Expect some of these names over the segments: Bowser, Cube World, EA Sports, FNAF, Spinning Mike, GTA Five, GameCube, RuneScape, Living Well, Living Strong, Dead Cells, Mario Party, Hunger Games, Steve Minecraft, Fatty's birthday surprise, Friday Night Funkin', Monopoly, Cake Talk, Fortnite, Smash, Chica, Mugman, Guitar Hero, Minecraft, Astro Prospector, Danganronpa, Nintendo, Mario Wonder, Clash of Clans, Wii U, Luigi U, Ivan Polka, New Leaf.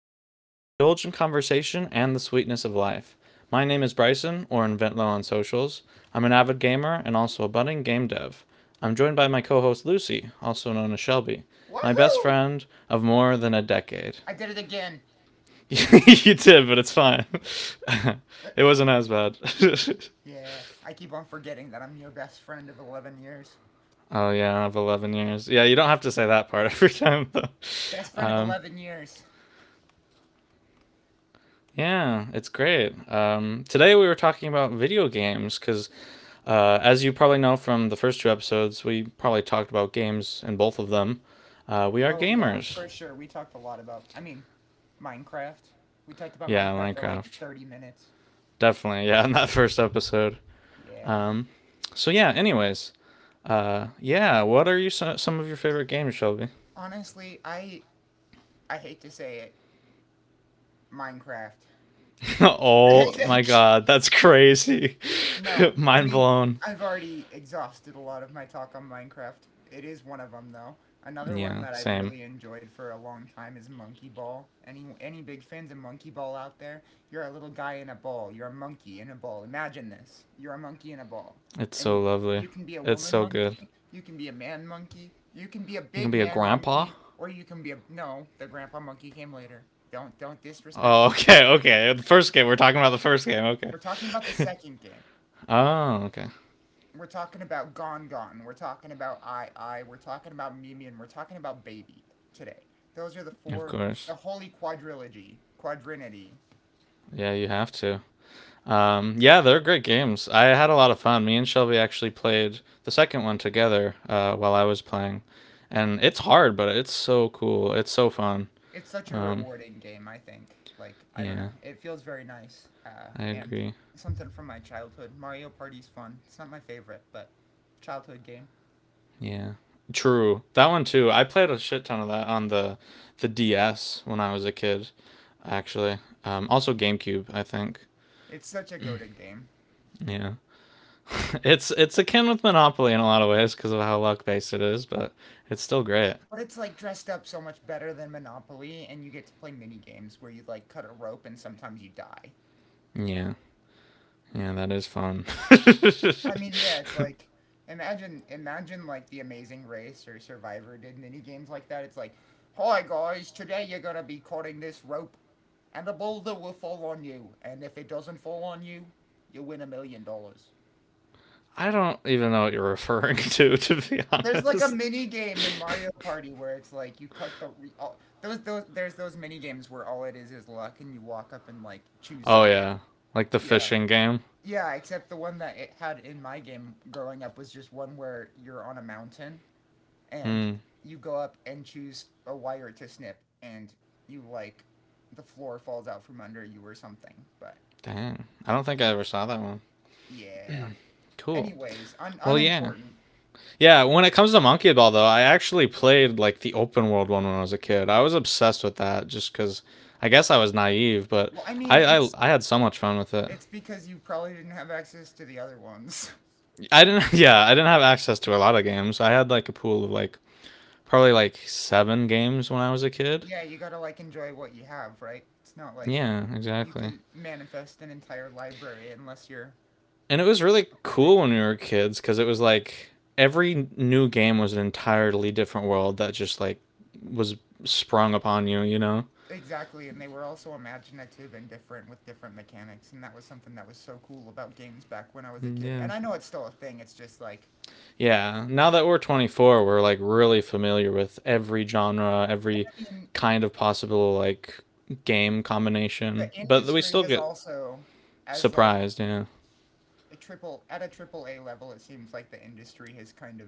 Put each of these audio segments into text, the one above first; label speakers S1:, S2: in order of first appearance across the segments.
S1: a show where we indulge in conversation and the sweetness of life. My name is Bryson, or Inventlow on socials. I'm an avid gamer and also a budding game dev. I'm joined by my co host Lucy, also known as Shelby, my best
S2: Woohoo!
S1: friend of more than a decade.
S2: I did it again.
S1: You did, but it's fine. It wasn't as bad.
S2: Yeah, I keep on forgetting that I'm your best friend of 11 years.
S1: Oh, yeah, of 11 years. Yeah, you don't have to say that part every time, though.
S2: Best friend of
S1: Um,
S2: 11 years.
S1: yeah, it's great. Today we were talking about video games because as you probably know from the first two episodes, we probably talked about games in both of them. We are
S2: Oh, yeah,
S1: gamers.
S2: for sure. We talked a lot about, I mean, Minecraft. We talked about
S1: Yeah,
S2: Minecraft for like
S1: Minecraft.
S2: 30 minutes.
S1: Definitely. Yeah, in that first episode.
S2: Yeah.
S1: Um, so, yeah, anyways. Yeah, what are some of your favorite games, Shelby?
S2: Honestly, I hate to say it, Minecraft.
S1: Oh my god, that's crazy.
S2: No, I
S1: Mind
S2: mean,
S1: blown.
S2: I've already exhausted a lot of my talk on Minecraft. It is one of them, though. Another one
S1: Yeah,
S2: that I've
S1: same.
S2: really enjoyed for a long time is Monkey Ball. Any big fans of Monkey Ball out there? You're a little guy in a ball. You're a monkey in a ball. Imagine this. You're a monkey in a ball.
S1: It's so
S2: And
S1: lovely.
S2: you can be a
S1: It's
S2: woman
S1: so good.
S2: monkey, you can be a man monkey, you can be a
S1: You can
S2: big
S1: be a
S2: man
S1: grandpa.
S2: monkey, or you can be a no, the grandpa monkey came later. Don't
S1: Oh,
S2: disrespect me.
S1: okay, okay. The first game, we're talking about the first game, okay.
S2: We're talking about the second game.
S1: Oh, okay.
S2: We're talking about Gone Gone. We're talking about I. We're talking about Mimi, and we're talking about Baby today. Those are the
S1: Of
S2: four,
S1: course.
S2: the holy quadrilogy, quadrinity.
S1: Yeah, you have to. Yeah, they're great games. I had a lot of fun. Me and Shelby actually played the second one together while I was playing, and it's hard, but it's so cool. It's so fun.
S2: It's such a
S1: Um,
S2: rewarding game. I think. Like I don't
S1: yeah,
S2: know. It feels very nice,
S1: I
S2: and
S1: agree.
S2: something from my childhood. Mario Party's fun. It's not my favorite, but childhood game.
S1: Yeah, true. That one too. I played a shit ton of that on the DS when I was a kid, actually. Also GameCube, I think.
S2: It's such a goaded game.
S1: Yeah. It's akin with Monopoly in a lot of ways because of how luck based it is, but it's still great.
S2: But it's like dressed up so much better than Monopoly, and you get to play mini games where you like cut a rope and sometimes you die.
S1: Yeah, yeah, that is fun.
S2: Well, I mean, yeah, it's like imagine like the Amazing Race or Survivor did mini games like that. It's like, hi guys, today you're gonna be cutting this rope, and a boulder will fall on you, and if it doesn't fall on you, you win $1 million.
S1: I don't even know what you're referring to, to be
S2: There's like a
S1: honest.
S2: mini game in Mario Party where it's like you all, those mini games where all it is luck and you walk up and like choose
S1: Oh
S2: something.
S1: yeah, like the
S2: Yeah.
S1: fishing game.
S2: Yeah, except the one that it had in my game growing up was just one where you're on a mountain and
S1: Hmm.
S2: you go up and choose a wire to snip, and you like the floor falls out from under you or something. But
S1: Dang, I don't think I
S2: y-
S1: ever saw that one.
S2: yeah.
S1: Cool.
S2: Anyways,
S1: Well, yeah.
S2: unimportant.
S1: Yeah, when it comes to Monkey Ball, though, I actually played like the open world one when I was a kid. I was obsessed with that just because I guess I was naive, but
S2: Well, I mean,
S1: I, I I had so much fun with it.
S2: it's because you probably didn't have access to the other ones.
S1: I didn't, yeah, I didn't have access to a lot of games. I had like a pool of like probably like seven games when I was a kid.
S2: Yeah, you gotta like enjoy what you have, right? It's not like
S1: Yeah,
S2: you
S1: exactly.
S2: can manifest an entire library unless you're
S1: And it was really
S2: a
S1: cool
S2: pirate.
S1: when we were kids because it was like every new game was an entirely different world that just like was sprung upon you, you know?
S2: Exactly, and they were also imaginative and different with different mechanics, and that was something that was so cool about games back when I was a kid. And
S1: Yeah.
S2: I know it's still a thing. It's just like
S1: Yeah, now that we're 24, we're like really familiar with every genre,
S2: I
S1: every
S2: mean,
S1: kind of possible like game
S2: the
S1: combination, but we
S2: industry
S1: still
S2: has
S1: get
S2: also, as like
S1: surprised, you know.
S2: a triple A level, it seems like the industry has kind of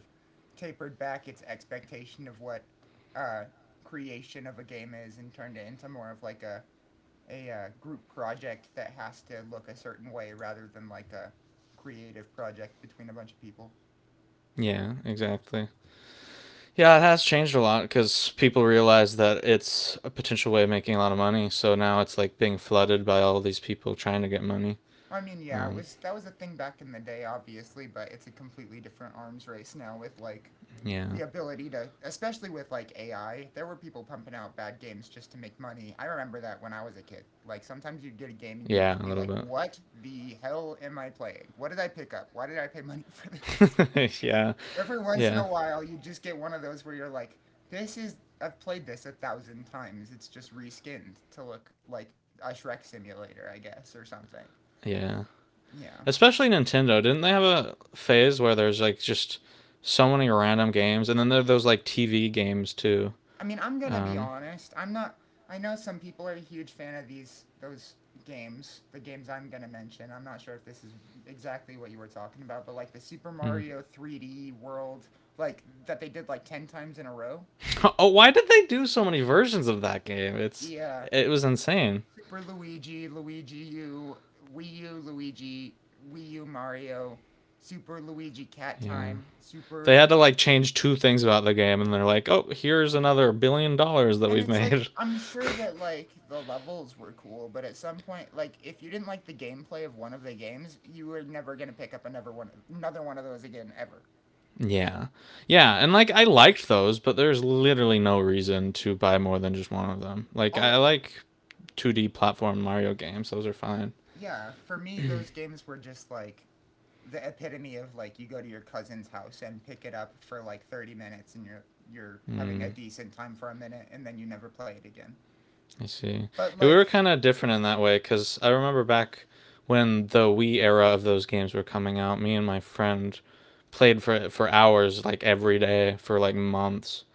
S2: tapered back its expectation of what uh, creation of a game is and turned it into more of like a group project that has to look a certain way rather than like a creative project between a bunch of people.
S1: Yeah, exactly. Yeah, it has changed a lot cuz people realize that it's a potential way of making a lot of money, so now it's like being flooded by all these people trying to get money.
S2: I mean, yeah, it
S1: Um,
S2: was that was a thing back in the day, obviously, but it's a completely different arms race now with like
S1: yeah.
S2: the ability to, especially with like AI. There were people pumping out bad games just to make money. I remember that when I was a kid. Like sometimes you did a game and you'd
S1: Yeah,
S2: just
S1: a
S2: be like,
S1: little
S2: "What the hell am I playing? What did I pick up? Why did I pay money for this?"
S1: bit. Yeah.
S2: Every once in
S1: Yeah.
S2: a while, you just get one of those where you're like, "This is I've played this a thousand times. It's just reskinned to look like a Shrek simulator, I guess, or something."
S1: Yeah. Especially
S2: Yeah.
S1: Nintendo, didn't they have a phase where there's like just so many random games, and then there are those like TV games too.
S2: I mean, I'm gonna be
S1: Um,
S2: honest. I'm not. I know some people are a huge fan of these those games. The games I'm gonna mention. I'm not sure if this is exactly what you were talking about, but like the Super
S1: hmm.
S2: Mario 3D World, like that they did like ten times in a row.
S1: Oh, why did they do so many versions of that game? It's
S2: Yeah,
S1: it was insane.
S2: Super Luigi, Luigi U, Wii U Luigi, Wii U Mario, Super Luigi Cat
S1: Yeah,
S2: Time, Super
S1: they had
S2: Lu-
S1: to like change two things about the game, and they're like, oh, here's another billion dollars that
S2: And
S1: we've
S2: it's like
S1: made.
S2: I'm sure that like the levels were cool, but at some point, like if you didn't like the gameplay of one of the games, you were never gonna pick up another one of those again ever.
S1: Yeah, yeah, and like I liked those, but there's literally no reason to buy more than just one of them. Like
S2: All
S1: I like 2D platform Mario games; those are fine.
S2: yeah, for me, those games were just like the epitome of like you go to your cousin's house and pick it up for like 30 minutes and you're having a
S1: Hmm.
S2: decent time for a minute and then you never play it again.
S1: I see.
S2: But
S1: Yeah, we
S2: like
S1: were kind of different in that way because I remember back when the Wii era of those games were coming out, me and my friend played for hours, like every day for like months,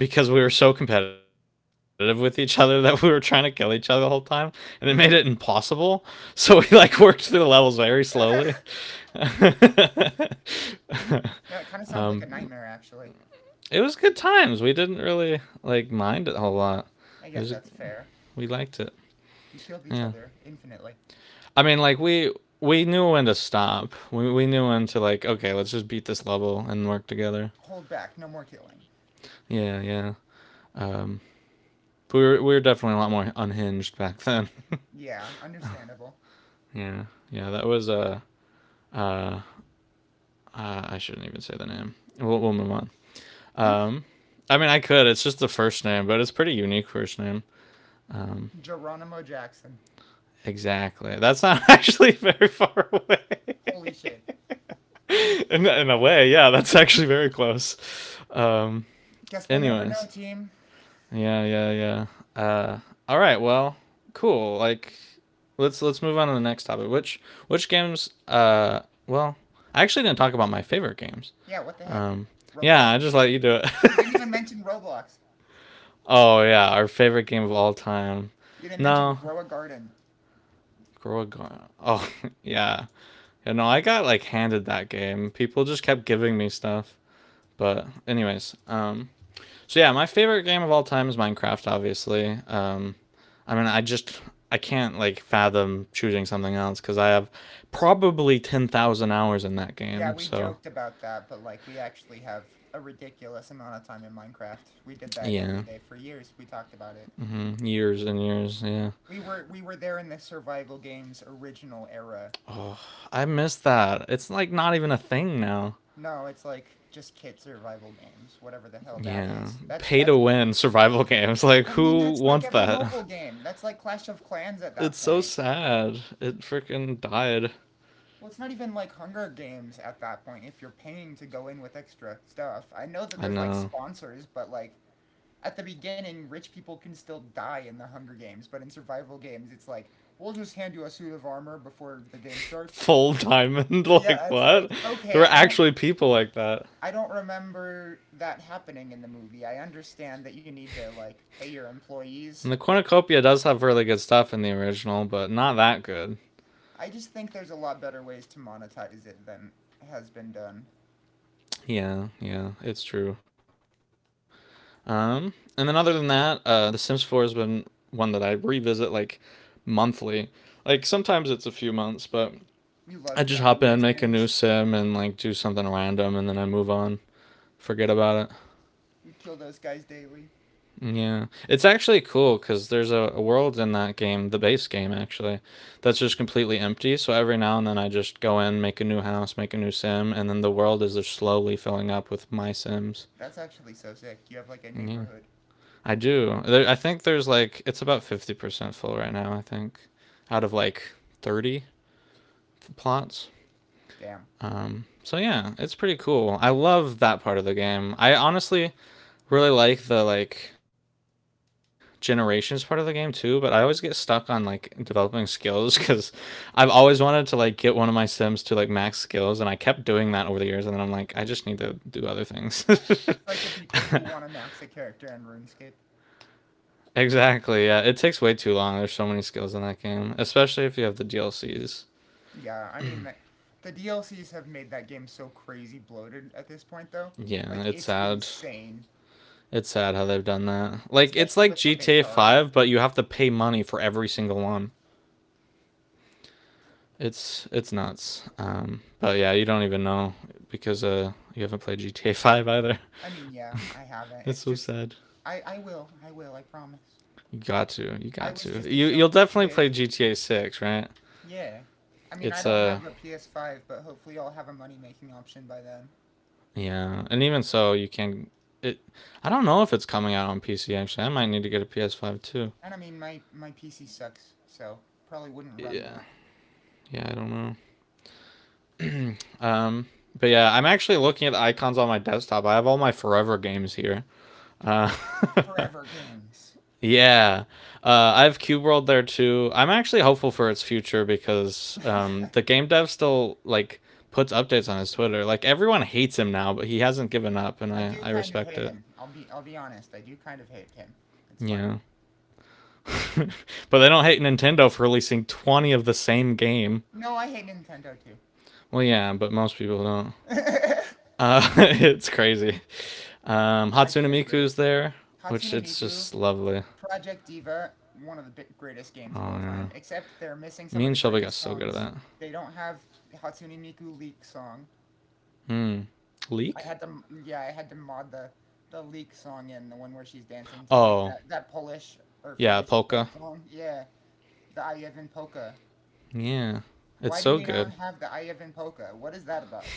S1: because we were so competitive with each other that we were trying to kill each other the whole time, and it made it
S2: yeah,
S1: impossible. So we like worked through the levels very slowly.
S2: it kind of sounds like a nightmare actually.
S1: It was good times. We didn't really like mind it a whole lot.
S2: I
S1: It
S2: guess
S1: was
S2: that's fair.
S1: we liked it.
S2: You killed each
S1: Yeah.
S2: other infinitely.
S1: I mean, like we knew when to stop. We knew when to like, okay, let's just beat this level and work together.
S2: Hold back, no more killing.
S1: Yeah, yeah. Um, but we were definitely a lot more unhinged back then.
S2: Yeah, understandable.
S1: Yeah, yeah. That was uh, uh I shouldn't even say the name. We'll move on.
S2: Mm.
S1: Um, I mean, I could. It's just the first name, but it's pretty unique first name.
S2: Geronimo Jackson.
S1: Exactly. That's not actually very far away.
S2: Holy shit.
S1: In a way, yeah, that's actually very close. Um,
S2: Guess we'll never know,
S1: anyways,
S2: team.
S1: yeah, yeah, yeah. Uh, all right. Well, cool. Like, let's move on to the next topic. Which games? Well, I actually didn't talk about my favorite games.
S2: Yeah, what the heck?
S1: Um, yeah, I
S2: Roblox?
S1: just let you do it.
S2: You didn't even mention Roblox.
S1: Oh yeah, our favorite game of all time.
S2: You didn't mention
S1: No,
S2: grow a garden.
S1: Grow Oh yeah, yeah. No, I got like handed that game. People just kept giving me stuff. But anyways, so yeah, my favorite game of all time is Minecraft, obviously. I mean, I can't like fathom choosing something else because I have probably 10,000 hours in that
S2: Yeah,
S1: game.
S2: we
S1: So
S2: joked about that, but like we actually have a ridiculous amount of time in Minecraft. We did that
S1: yeah,
S2: every day for years. We talked about it.
S1: years and years. Yeah,
S2: We were there in the survival games original era.
S1: I miss that. It's like not even a thing now.
S2: No, it's like just kid survival games, whatever the hell that
S1: Yeah,
S2: is. That's
S1: pay to
S2: that's
S1: win survival games. Like
S2: I mean,
S1: who
S2: that's like
S1: wants
S2: every
S1: that?
S2: mobile game. That's like Clash of Clans at
S1: It's
S2: that
S1: so
S2: point.
S1: sad. It freaking died.
S2: Well, it's not even like Hunger Games at that point if you're paying to go in with extra stuff. I know that
S1: I
S2: there's like
S1: know.
S2: sponsors, but like at the beginning, rich people can still die in the Hunger Games, but in survival games, it's like, we'll just hand you a suit of armor before the game starts.
S1: Full diamond. Like
S2: Yeah, it's like,
S1: what? There
S2: okay,
S1: were
S2: I don't
S1: actually people like that.
S2: I don't remember that happening in the movie. I understand that you need to like pay your employees,
S1: And the
S2: but
S1: cornucopia does have really good stuff in the original, but not that good.
S2: I just think there's a lot better ways to monetize it than has been done.
S1: Yeah, yeah, it's true. Um, and then other than that, The Sims 4 has been one that I revisit like monthly. Like sometimes it's a few months, but
S2: You
S1: I
S2: love
S1: just hop
S2: drowning
S1: in,
S2: your
S1: make a new
S2: Sims.
S1: sim, and like do something random, and then I move on, forget about it.
S2: You kill those guys daily.
S1: Yeah, it's actually cool because there's a world in that game, the base game actually, that's just completely empty. So every now and then I just go in, make a new house, make a new sim, and then the world is just slowly filling up with my sims.
S2: That's actually so sick. You have like a
S1: Yeah,
S2: neighborhood.
S1: I do. There, I think there's like it's about 50% full right now. I think out of like 30 plots.
S2: Damn.
S1: So yeah, it's pretty cool. I love that part of the game. I honestly really like the like generations part of the game too, but I always get stuck on like developing skills because I've always wanted to like get one of my sims to like max skills, and I kept doing that over the years, and then I'm like, I just need to do other things.
S2: It's like the people who want to max a character in RuneScape.
S1: Exactly, yeah, it takes way too long. There's so many skills in that game, especially if you have the dlcs.
S2: Yeah, I mean that the DLCs have made that game so crazy bloated at this point though.
S1: Yeah,
S2: Like
S1: it's
S2: it's
S1: sad.
S2: insane,
S1: It's sad how they've done that. Like it's
S2: especially
S1: like
S2: with what they
S1: gta
S2: charge.
S1: 5, but you have to pay money for every single one. It's nuts. But yeah, you don't even know because you haven't played GTA Five either.
S2: I mean, yeah, I haven't.
S1: It's
S2: It's
S1: so
S2: just
S1: sad.
S2: I will. I will, I promise.
S1: You got to. You
S2: I
S1: got
S2: was
S1: to.
S2: just a
S1: You'll
S2: sheltered
S1: definitely play
S2: kid.
S1: GTA Six, right?
S2: Yeah. I mean, I
S1: It's a...
S2: don't
S1: uh
S2: have a PS5, but hopefully I'll have a money making option by then.
S1: yeah, and even so, you can. It. I don't know if it's coming out on PC. Actually, I might need to get a PS Five too.
S2: And I mean, my PC sucks, so probably wouldn't run
S1: Yeah.
S2: that.
S1: Yeah. I don't know. Um. But yeah, I'm actually looking at the icons on my desktop. I have all my Forever games here. Uh,
S2: Forever games.
S1: Yeah, I have Cube World there too. I'm actually hopeful for its future because
S2: I
S1: the game dev still like puts updates on his Twitter. Like everyone hates him now, but he hasn't given up, and I
S2: do
S1: I
S2: kind of
S1: respect
S2: hate
S1: it.
S2: him. I'll be honest. I do kind of hate him. It's fine.
S1: Yeah, but they don't hate Nintendo for releasing 20 of the same game.
S2: No, I hate Nintendo too.
S1: Well, yeah, but most people don't. It's crazy.
S2: I
S1: Hatsune
S2: can agree.
S1: Miku's there,
S2: Hatsune
S1: which it's
S2: Miku,
S1: just lovely.
S2: Project Diva, one of the greatest games of all
S1: Oh
S2: time.
S1: yeah,
S2: Except they're missing some of
S1: me
S2: the
S1: and Shelby
S2: greatest
S1: got so good at
S2: songs.
S1: that.
S2: They don't have Hatsune Miku leak song.
S1: Hmm.
S2: I
S1: Leak?
S2: had to, yeah, I had to mod the leak song in the one where she's dancing to like
S1: Oh
S2: that Polish or
S1: yeah,
S2: Finnish folk
S1: Polka.
S2: song. Yeah, the Ivan Polka.
S1: Yeah.
S2: Why
S1: It's
S2: do
S1: so
S2: we not
S1: good.
S2: have the Ivan Polka? What is that about?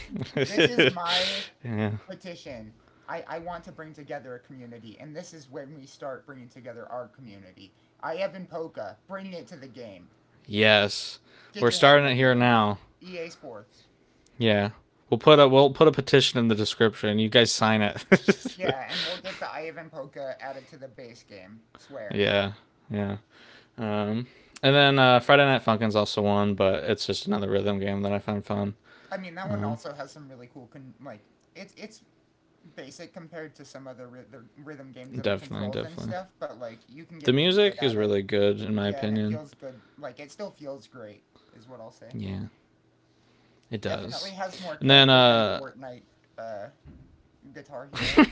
S2: This is my
S1: Yeah.
S2: petition. I want to bring together a community, and this is when we start bringing together our community. Ivan Polka, bring it to the game.
S1: Yes.
S2: Get
S1: We're
S2: your head in
S1: starting
S2: the
S1: it here
S2: game.
S1: now.
S2: EA Sports.
S1: Yeah. We'll put a petition in the description. You guys sign it.
S2: Yeah, and we'll get the Ivan Polka added to the base game. Swear.
S1: Yeah. Yeah. Um and then Friday Night Funkin's also one, but it's just another rhythm game that I find fun.
S2: I mean, that one
S1: Um,
S2: also has some really cool like it's basic compared to some other the rhythm games and the
S1: Definitely,
S2: controls and
S1: definitely.
S2: stuff, but like you can get
S1: The
S2: really good
S1: music
S2: at
S1: is
S2: it.
S1: really good in my
S2: Yeah, and it
S1: opinion.
S2: feels good. Like it still feels great, is what I'll say.
S1: Yeah, it
S2: Definitely
S1: does.
S2: has more
S1: And then
S2: character than Fortnite uh, Guitar Hero.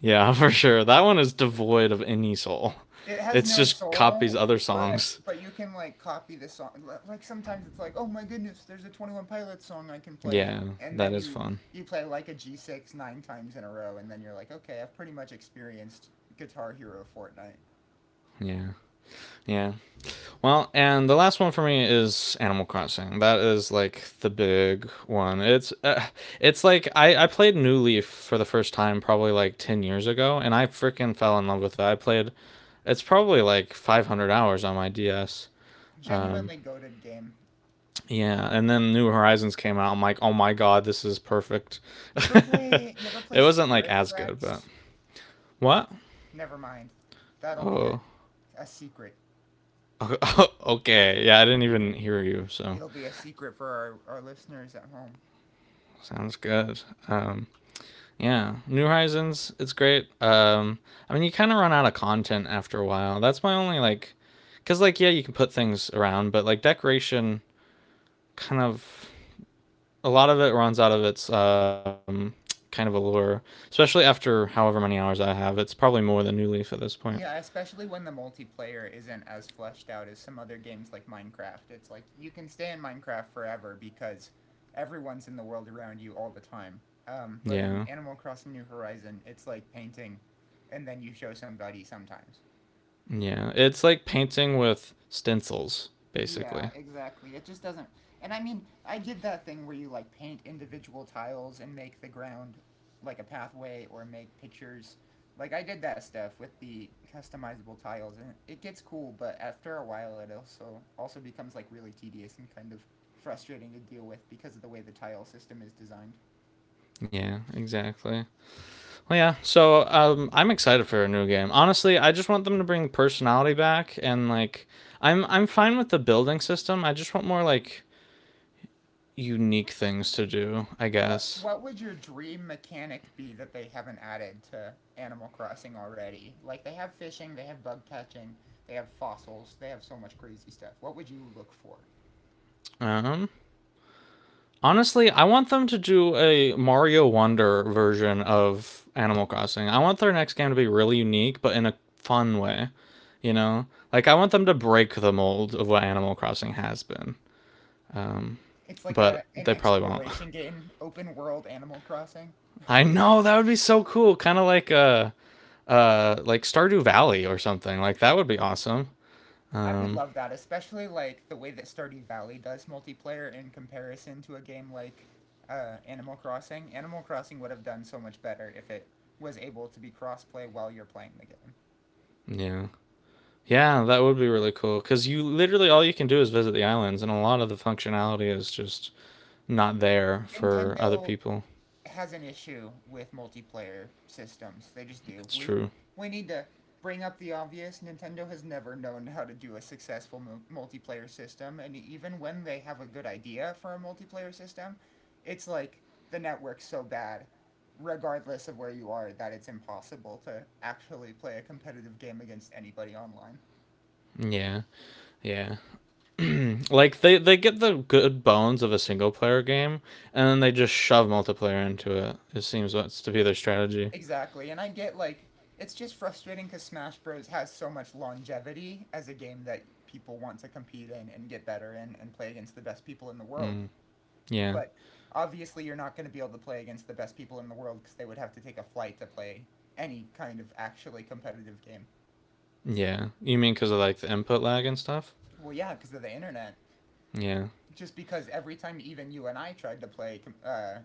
S1: yeah, for sure. That one is devoid of any soul.
S2: It has no
S1: It's just
S2: soul,
S1: copies other
S2: but
S1: songs.
S2: but you can like copy the song. Li- Like sometimes it's like, oh my goodness, there's a Twenty One Pilots song I can play,
S1: Yeah,
S2: and then
S1: that is
S2: you
S1: fun.
S2: you play like a G six nine times in a row, and then you're like, okay, I've pretty much experienced Guitar Hero Fortnite.
S1: Yeah. Yeah. Well, and the last one for me is Animal Crossing. That is like the big one. It's like I played New Leaf for the first time probably like 10 years ago, and I freaking fell in love with it. I played it's probably like 500 hours on my DS. Um
S2: Genuinely goaded game.
S1: Yeah, and then New Horizons came out. I'm like, oh my god, this is perfect.
S2: You ever play? You ever play
S1: It wasn't like
S2: Spirit
S1: as good, but
S2: Tracks?
S1: what?
S2: Never mind. That'll be
S1: Oh,
S2: a secret.
S1: okay. Yeah, I didn't even hear you, so
S2: It'll be a secret for our listeners at home.
S1: sounds good. Um, yeah, New Horizons, it's great. I mean, you kind of run out of content after a while. That's my only like, cause like yeah, you can put things around, but like decoration kind of a lot of it runs out of its kind of allure, especially after however many hours I have. It's probably more than New Leaf at this point.
S2: Yeah, especially when the multiplayer isn't as fleshed out as some other games like Minecraft. It's like you can stay in Minecraft forever because everyone's in the world around you all the time. But in
S1: Yeah,
S2: Animal Crossing New Horizon, it's like painting and then you show somebody sometimes.
S1: yeah. It's like painting with stencils,
S2: Yeah,
S1: basically.
S2: exactly. It just doesn't. And I mean, I did that thing where you like paint individual tiles and make the ground like a pathway or make pictures. Like I did that stuff with the customizable tiles, and it gets cool, but after a while it also becomes like really tedious and kind of frustrating to deal with because of the way the tile system is designed.
S1: Yeah, exactly. Well, yeah. So I'm excited for a new game. Honestly, I just want them to bring personality back, and like, I'm fine with the building system. I just want more like unique things to do. I
S2: What
S1: guess.
S2: what would your dream mechanic be that they haven't added to Animal Crossing already? Like they have fishing, they have bug catching, they have fossils, they have so much crazy stuff. What would you look for?
S1: Um, Honestly, I want them to do a Mario Wonder version of Animal Crossing. I want their next game to be really unique, but in a fun way. You know, like I want them to break the mold of what Animal Crossing has been,
S2: It's like
S1: but
S2: a an
S1: they probably won't.
S2: exploration game, open world Animal Crossing.
S1: I know that would be so cool, kind of like Stardew Valley or something. Like that would be awesome.
S2: I would
S1: Um,
S2: love that, especially like the way that Stardew Valley does multiplayer in comparison to a game like Animal Crossing. Animal Crossing would have done so much better if it was able to be crossplay while you're playing the game.
S1: yeah. Yeah, that would be really cool because you literally all you can do is visit the islands, and a lot of the functionality is just not there for other
S2: Nintendo
S1: people.
S2: has an issue with multiplayer systems. They just do.
S1: It's
S2: We
S1: true.
S2: we need to bring up the obvious. Nintendo has never known how to do a successful multiplayer system, and even when they have a good idea for a multiplayer system, it's like the network's so bad, regardless of where you are, that it's impossible to actually play a competitive game against anybody online.
S1: Yeah, yeah. Like they get the good bones of a single player game, and then they just shove multiplayer into it. It seems what's to be their strategy.
S2: Exactly. And I get like it's just frustrating because Smash Bros has so much longevity as a game that people want to compete in and get better in and play against the best people in the world.
S1: Mm, yeah,
S2: But obviously, you're not going to be able to play against the best people in the world because they would have to take a flight to play any kind of actually competitive game.
S1: yeah. You mean because of like the input lag and stuff?
S2: Well, yeah, because of the internet.
S1: Yeah.
S2: Just because every time even you and I tried to play,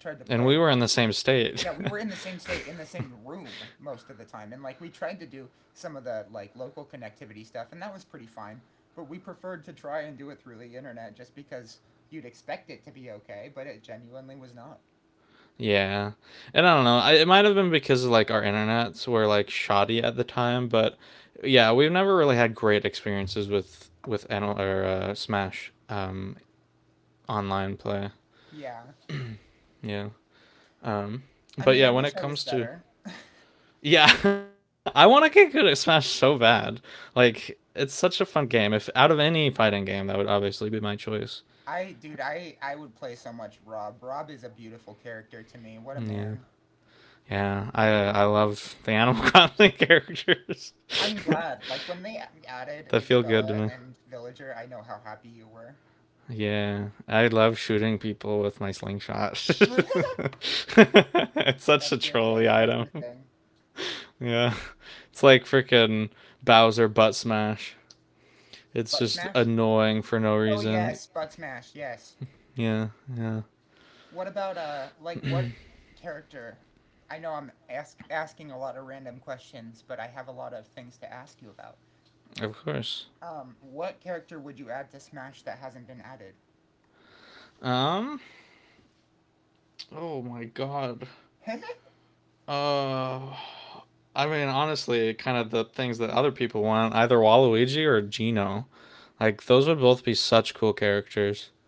S2: tried to
S1: And we
S2: play.
S1: were in the same state.
S2: Yeah, we were in the same state, in the same room most of the time. And like we tried to do some of the like local connectivity stuff, and that was pretty fine. But we preferred to try and do it through the internet just because you'd expect it to be okay, but it genuinely was not.
S1: Yeah. And I don't know. It might have been because like our internets were like shoddy at the time, but yeah, we've never really had great experiences with Anal- or Smash online play.
S2: Yeah.
S1: Yeah.
S2: I
S1: Um,
S2: mean, I wish I
S1: but yeah,
S2: was
S1: when it
S2: better.
S1: comes to yeah, I want to get good at Smash so bad. Like it's such a fun game. If out of any fighting game, that would obviously be my choice.
S2: Dude, I would play so much Rob. Rob is a beautiful character to me. What a
S1: Yeah.
S2: man.
S1: Yeah, I love the Animal Crossing characters.
S2: I'm glad. Like when they added
S1: They feel good
S2: Isabella
S1: to me.
S2: and Villager, I know how happy you were.
S1: Yeah, I love shooting people with my slingshot.
S2: That's
S1: It's such a
S2: your
S1: trolley
S2: thing. That's
S1: item.
S2: your thing.
S1: Yeah, it's like freaking Bowser butt smash. It's
S2: Butt
S1: just
S2: smash?
S1: annoying for no
S2: Oh
S1: reason.
S2: yes, Bud Smash, yes.
S1: Yeah, yeah.
S2: What about like what character? I know I'm asking a lot of random questions, but I have a lot of things to ask you about.
S1: Of course.
S2: What character would you add to Smash that hasn't been added?
S1: Um. Oh my god. Uh. I mean, honestly, kind of the things that other people want, either Waluigi or Geno, like those would both be such cool characters.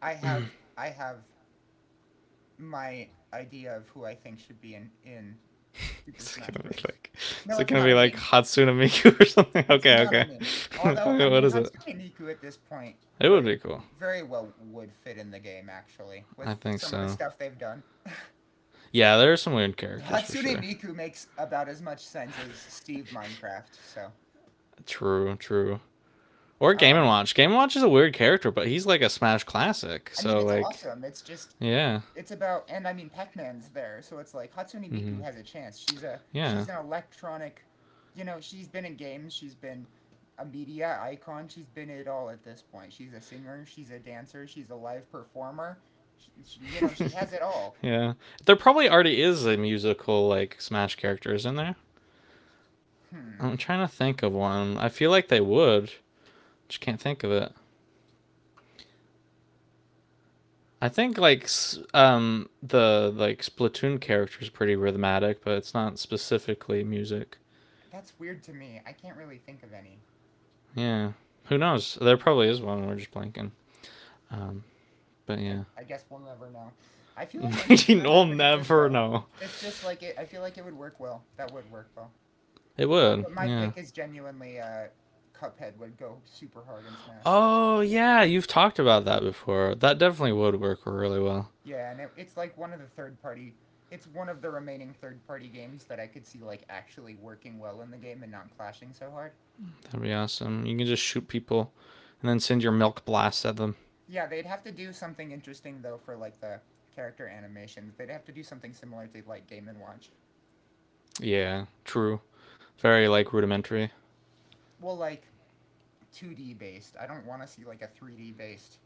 S2: I have I have my idea of who I think should be in Super
S1: It's
S2: Smash
S1: gonna be
S2: Bros.
S1: like,
S2: No,
S1: it's like
S2: it's
S1: gonna
S2: not a
S1: be like
S2: meme.
S1: Hatsune Miku or something.
S2: It's
S1: Okay,
S2: not a
S1: okay.
S2: meme. Although, I
S1: Okay,
S2: mean,
S1: what is it?
S2: Hatsune Miku at this point
S1: It would
S2: very
S1: be cool.
S2: very well would fit in the game actually
S1: I
S2: with
S1: think
S2: some of the
S1: so.
S2: stuff they've done.
S1: Yeah, there are some weird characters for
S2: Hatsune
S1: sure.
S2: Miku makes about as much sense as Steve Minecraft. So,
S1: True, true. Or Game and
S2: um,
S1: Watch. Game and Watch is a weird character, but he's like a Smash classic.
S2: I mean,
S1: So
S2: it's
S1: like,
S2: awesome. It's just
S1: yeah.
S2: it's about, and I mean, Pac-Man's there, so it's like Hatsune Miku
S1: Hmm.
S2: has a chance. She's a
S1: Yeah.
S2: she's an electronic, you know, she's been in games, she's been a media icon, she's been it all at this point. She's a singer, she's a dancer, she's a live performer. You know, she has it all.
S1: Yeah. There probably already is a musical like Smash character, isn't there?
S2: Hmm,
S1: I'm trying to think of one. I feel like they would. Just can't think of it. I think like the like Splatoon character is pretty rhythmatic, but it's not specifically music.
S2: that's weird to me. I can't really think of any.
S1: Yeah. Who knows? There probably is one. We're just blanking. Um. But yeah.
S2: I guess we'll never know. I feel like I know Smash
S1: You'll
S2: pretty good
S1: never
S2: though.
S1: know.
S2: It's just I feel like it would work well. That would work well.
S1: It would.
S2: But my
S1: Yeah.
S2: pick is genuinely Cuphead would go super hard in Smash.
S1: Oh yeah. You've talked about that before. That definitely would work really well.
S2: Yeah, and it's like one of the third party. It's one of the remaining third party games that I could see like actually working well in the game and not clashing so hard.
S1: That'd be awesome. You can just shoot people and then send your milk blasts at them.
S2: Yeah, they'd have to do something interesting though for like the character animations. They'd have to do something similar to like Game and Watch.
S1: Yeah, true. Very like rudimentary.
S2: Well, like 2D based. I don't want to see like a 3D based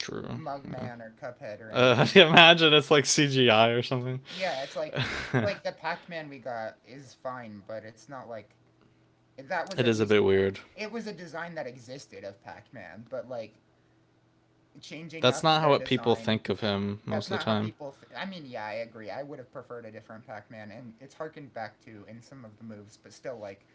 S1: True. Yeah.
S2: Mugman or Cuphead or anything.
S1: Imagine it's like CGI or something.
S2: Yeah, it's like the Pac-Man we got is fine, but it's not like that was
S1: It
S2: at
S1: is a
S2: least
S1: bit weird.
S2: it was a design that existed of Pac-Man, but like changing
S1: That's
S2: up
S1: not how
S2: their
S1: what people
S2: design.
S1: think of him
S2: That's
S1: most of the
S2: not how
S1: time.
S2: people. I mean, yeah, I agree. I would have preferred a different Pac-Man, and it's harkened back to in some of the moves, but still, like,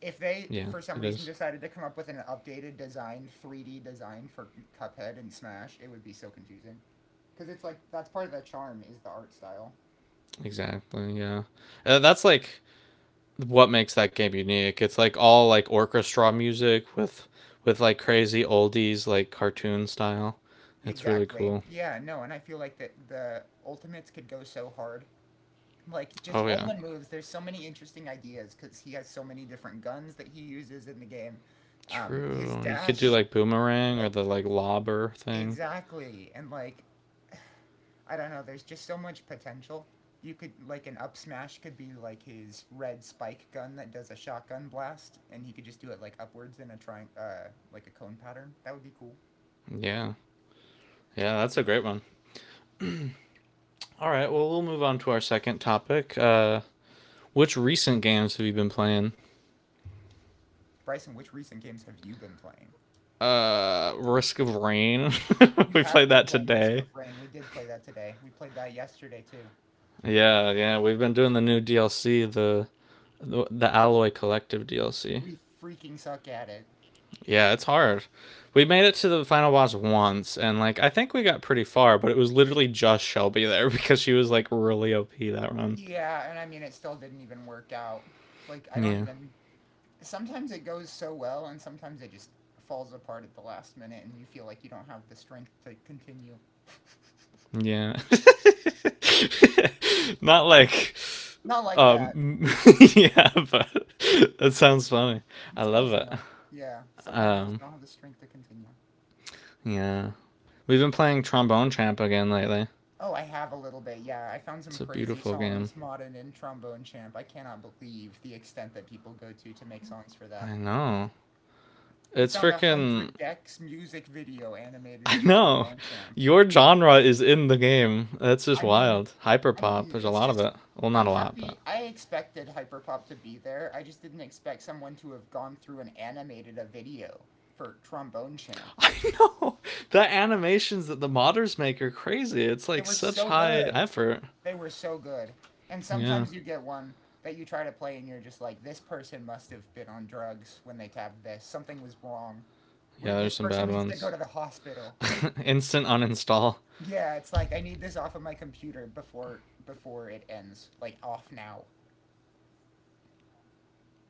S2: if they
S1: Yeah,
S2: for some
S1: it
S2: reason
S1: is.
S2: decided to come up with an updated design, 3D design for Cuphead and Smash, it would be so confusing. Because it's like that's part of the charm is the art style.
S1: Exactly. Yeah. That's like what makes that game unique. It's like all like orchestra music with like crazy oldies like cartoon style. It's really
S2: Exactly.
S1: cool.
S2: Yeah, no, and I feel like that the Ultimates could go so hard. Like just
S1: Oh
S2: all
S1: yeah.
S2: the moves, there's so many interesting ideas cuz he has so many different guns that he uses in the game. His
S1: True. You could do
S2: dash
S1: like boomerang or
S2: like
S1: the like lobber thing.
S2: exactly and like I don't know, there's just so much potential. You could like an up smash could be like his red spike gun that does a shotgun blast, and he could just do it like upwards in a like a cone pattern. That would be cool.
S1: Yeah. Yeah, that's a great one. All right. Well, we'll move on to our second topic. Which recent games have you been playing?
S2: Bryson, which recent games have you been playing?
S1: Risk of Rain.
S2: You
S1: We
S2: have
S1: played
S2: been
S1: that
S2: playing Risk
S1: today.
S2: of Rain. We did play that today. We played that yesterday too.
S1: Yeah, yeah. We've been doing the new DLC, the Alloy Collective DLC.
S2: We freaking suck at it.
S1: Yeah, it's hard. We made it to the final boss once, and like I think we got pretty far, but it was literally just Shelby there because she was like really OP that run.
S2: Yeah, and I mean, it still didn't even work out. Like, I don't
S1: Yeah.
S2: even. Sometimes it goes so well, and sometimes it just falls apart at the last minute, and you feel like you don't have the strength to continue.
S1: Yeah. Not like
S2: Not like that.
S1: um yeah, but that sounds funny.
S2: It's
S1: I
S2: close
S1: love
S2: enough.
S1: it.
S2: Yeah, sometimes you just
S1: Um,
S2: don't have the strength to continue.
S1: yeah. We've been playing Trombone Champ again lately.
S2: Oh, I have a little bit. Yeah, I found some
S1: It's a
S2: crazy
S1: beautiful game.
S2: songs, Modern and Trombone Champ. I cannot believe the extent that people go to make songs for that.
S1: I know.
S2: We
S1: It's
S2: found a
S1: freaking
S2: hundred Gex music video animated
S1: I
S2: in
S1: know.
S2: Trombone Champ.
S1: Your genre is in the game. That's just
S2: I mean,
S1: wild. Hyperpop, there's a
S2: it's
S1: lot of
S2: just
S1: it. Well, not
S2: I'm
S1: a lot, but
S2: happy. I expected Hyperpop to be there. I just didn't expect someone to have gone through and animated a video for Trombone Champ.
S1: I know. The animations that the modders make are crazy. It's
S2: They
S1: like
S2: were
S1: such
S2: so
S1: high
S2: good.
S1: effort.
S2: They were so good. And
S1: Yeah.
S2: sometimes you get one that you try to play, and you're just like, this person must have been on drugs when they tabbed this. Something was wrong.
S1: Yeah,
S2: Wait,
S1: there's
S2: this
S1: some
S2: person
S1: bad
S2: needs to go
S1: ones.
S2: to the hospital.
S1: Instant uninstall.
S2: Yeah, it's like I need this off of my computer before it ends. Like off now.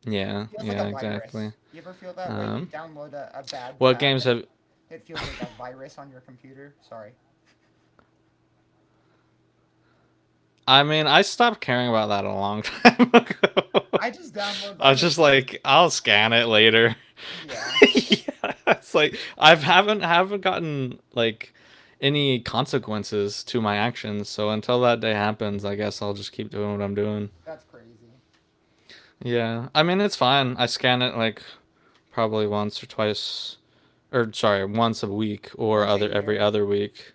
S1: Yeah,
S2: Feels like
S1: yeah,
S2: a
S1: exactly.
S2: virus. You ever feel that way? You
S1: Um,
S2: download a bad
S1: what
S2: tab
S1: games
S2: and
S1: have?
S2: it feels like a virus on your computer. Sorry.
S1: I mean, I stopped caring about that a long time ago.
S2: I just download
S1: I was just
S2: viruses.
S1: like, I'll scan it later.
S2: Yeah,
S1: Yeah, it's like I've haven't gotten like any consequences to my actions. So until that day happens, I guess I'll just keep doing what I'm doing.
S2: that's crazy.
S1: Yeah, I mean it's fine. I scan it like probably once or twice, or sorry, once a week or
S2: Once a
S1: other every
S2: year.
S1: other week.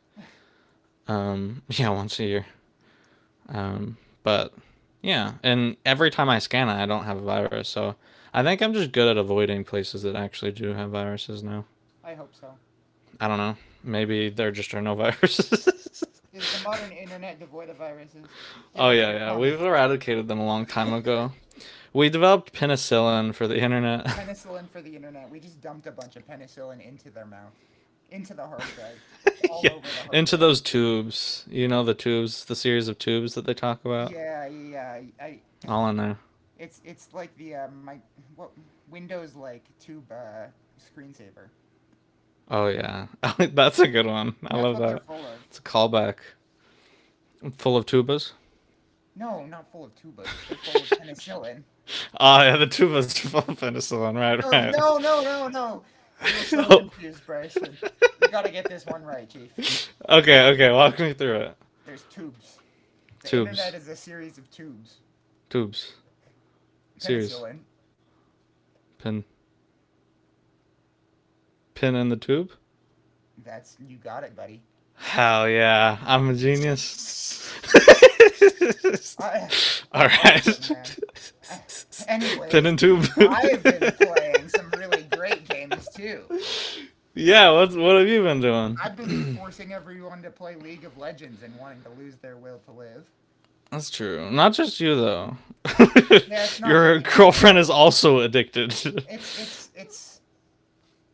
S1: Yeah, once a year. Um, but yeah, and every time I scan it, I don't have a virus. So I think I'm just good at avoiding places that actually do have viruses now.
S2: I hope so.
S1: I don't know. Maybe there just are no viruses.
S2: Is the modern internet devoid of viruses? Give
S1: Oh,
S2: us
S1: yeah,
S2: your
S1: yeah. We've
S2: comments.
S1: eradicated them a long time ago. We developed penicillin for the internet.
S2: Penicillin for the internet. We just dumped a bunch of penicillin into their mouth, into the hard drive. It's all
S1: Yeah.
S2: over the hard
S1: Into
S2: drive.
S1: those tubes. You know, the tubes, the series of tubes that they talk about?
S2: Yeah, yeah, yeah. I
S1: All in there.
S2: It's like the my what Windows like tube screensaver.
S1: Oh, yeah. That's a good one. I
S2: That's
S1: love
S2: what they're
S1: that.
S2: full of.
S1: It's a callback. Full of tubas.
S2: No, not full of tubas. They're full of penicillin.
S1: Oh, yeah, the two of us are on penicillin, right,
S2: No,
S1: right.
S2: no, no, no, no. You're so
S1: Oh,
S2: confused, Bryson. You gotta get this one right, Chief.
S1: okay, okay, walk me through it.
S2: There's tubes. The internet
S1: Tubes,
S2: is a series of tubes.
S1: tubes, series,
S2: Penicillin.
S1: pin, pin in the tube.
S2: That's you got it, buddy.
S1: Hell yeah, I'm a genius.
S2: I,
S1: All
S2: that's
S1: right,
S2: awesome, man. I,
S1: pin
S2: Anyways,
S1: and tube.
S2: I've been playing some really great games too.
S1: Yeah, what have you been doing?
S2: I've been forcing everyone to play League of Legends and wanting to lose their will to live.
S1: That's true. Not just you though.
S2: Yeah, it's not
S1: Your
S2: really my
S1: girlfriend is
S2: will.
S1: also addicted.
S2: It's it's it's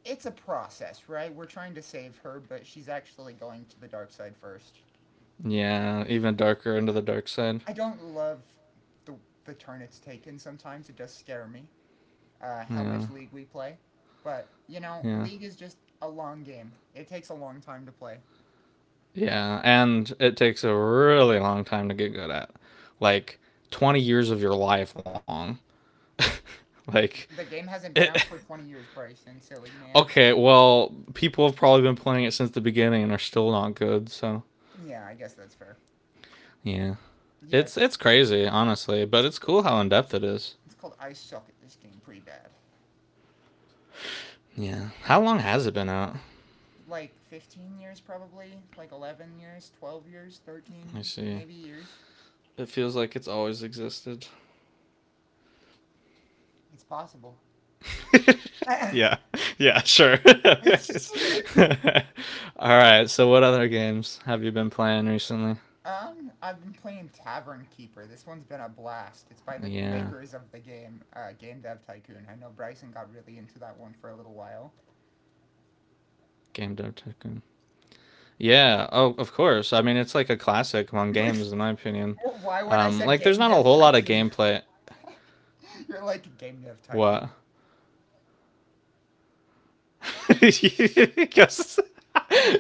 S2: it's a process, right? We're trying to save her, but she's actually going to the dark side first.
S1: Yeah, even darker into the dark side.
S2: I don't love the the turn it's taken. Sometimes it does scare me. How much
S1: Yeah,
S2: League we play, but you know,
S1: yeah.
S2: League is just a long game. It takes a long time to play.
S1: Yeah, and it takes a really long time to get good at. Like 20 years of your life long. like
S2: The game hasn't been
S1: it.
S2: out for 20 years, Bryson. Silly man.
S1: Okay, well, people have probably been playing it since the beginning and are still not good, so
S2: Yeah, I guess that's fair.
S1: yeah.
S2: Yeah, it's
S1: It's crazy, honestly, but it's cool how in depth it is.
S2: It's called I suck at this game pretty bad.
S1: Yeah. How long has it been out?
S2: Like 15 years, probably. Like 11 years, 12 years,
S1: Let
S2: 13
S1: me see.
S2: maybe years.
S1: It feels like it's always existed.
S2: It's possible.
S1: Yeah. Yeah, sure.
S2: It's
S1: All right, so what other games have you been playing recently?
S2: I've been playing Tavern Keeper. This one's been a blast. It's by the
S1: Yeah,
S2: makers of the game, Game Dev Tycoon. I know Bryson got really into that one for a little while.
S1: Game Dev Tycoon. Yeah, oh, of course. I mean, it's like a classic among games, in my opinion.
S2: Why, when I said
S1: Like, there's
S2: Game
S1: not a
S2: Dev
S1: whole lot of
S2: Tycoon,
S1: gameplay.
S2: you're like Game Dev
S1: What?
S2: Tycoon.
S1: Because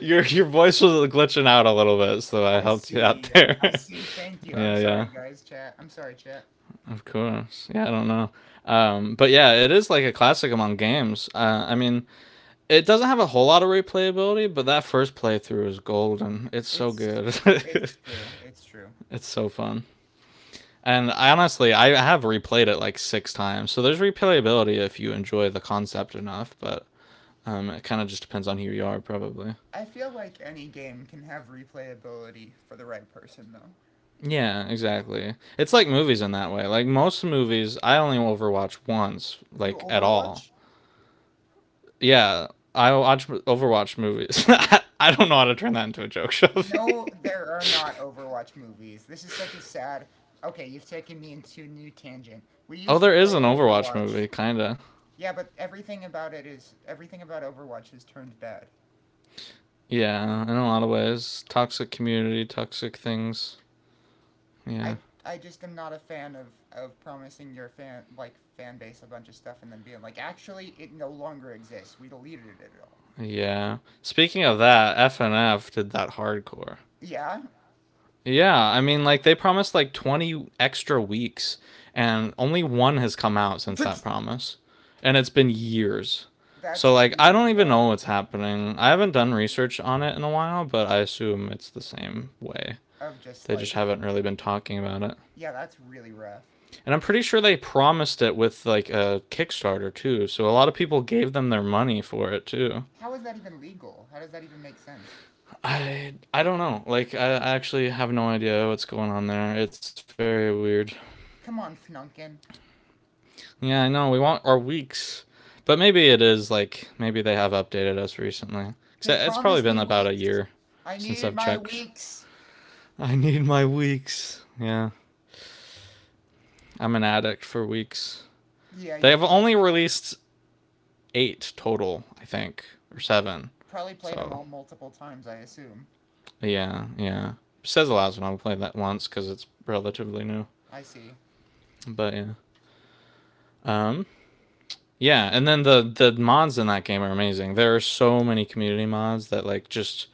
S1: your voice was glitching out a little bit, so I
S2: I
S1: helped you out
S2: see.
S1: there.
S2: I see. Thank you. I'm
S1: Yeah, yeah,
S2: sorry, guys. Chat. I'm sorry, chat.
S1: of course. Yeah, I don't know. But yeah, it is like a classic among games. I mean, it doesn't have a whole lot of replayability, but that first playthrough is golden. It's so
S2: It's
S1: good.
S2: it's true. It's true.
S1: It's so fun. And I honestly, I have replayed it like six times, so there's replayability if you enjoy the concept enough. But it kind of just depends on who you are, probably.
S2: I feel like any game can have replayability for the right person though.
S1: Yeah, exactly. It's like movies in that way. Like most movies, I only overwatch once,
S2: You
S1: like at all.
S2: Overwatch?
S1: Yeah, I watch Overwatch movies. I don't know how to turn that into a joke, Shelby.
S2: No, there are not Overwatch movies. This is such a sad okay, you've taken me into a new tangent. We
S1: Oh,
S2: used to
S1: there is
S2: play
S1: an Overwatch
S2: Overwatch.
S1: movie, kinda.
S2: Yeah, but everything about it is everything about Overwatch has turned bad.
S1: Yeah, in a lot of ways, toxic community, toxic things. Yeah.
S2: I just am not a fan of promising your fan like fan base a bunch of stuff and then being like, actually, it no longer exists. We deleted it all.
S1: Yeah. Speaking of that, FNF did that hardcore.
S2: Yeah.
S1: Yeah, I mean, like they promised like 20 extra weeks, and only one has come out since that promise, and it's been years. So
S2: That's
S1: like, I don't
S2: really
S1: even
S2: rough.
S1: know what's happening. I haven't done research on it in a while, but I assume it's the same way.
S2: Of just
S1: They just
S2: like,
S1: haven't really been talking about it.
S2: yeah, that's really rough.
S1: And I'm pretty sure they promised it with like a Kickstarter too. So a lot of people gave them their money for it too.
S2: How is that even legal? How does that even make sense?
S1: I don't know. Like I actually have no idea what's going on there. It's very weird.
S2: Come on, Fnunkin.
S1: Yeah, I know. We want our weeks, but maybe it is like maybe they have updated us recently. Cause
S2: They
S1: it's probably
S2: promised
S1: been
S2: me
S1: about a
S2: weeks.
S1: year
S2: I
S1: since
S2: needed
S1: I've
S2: my
S1: checked.
S2: weeks.
S1: I need my weeks. Yeah, I'm an addict for weeks.
S2: Yeah,
S1: They
S2: you've
S1: have
S2: played,
S1: only released eight total, I think, or seven.
S2: probably played them
S1: So
S2: all multiple times, I assume.
S1: yeah, yeah. Says allows when I played that once because it's relatively new.
S2: I see.
S1: But yeah. Um, Yeah, and then the mods in that game are amazing. There are so many community mods that like just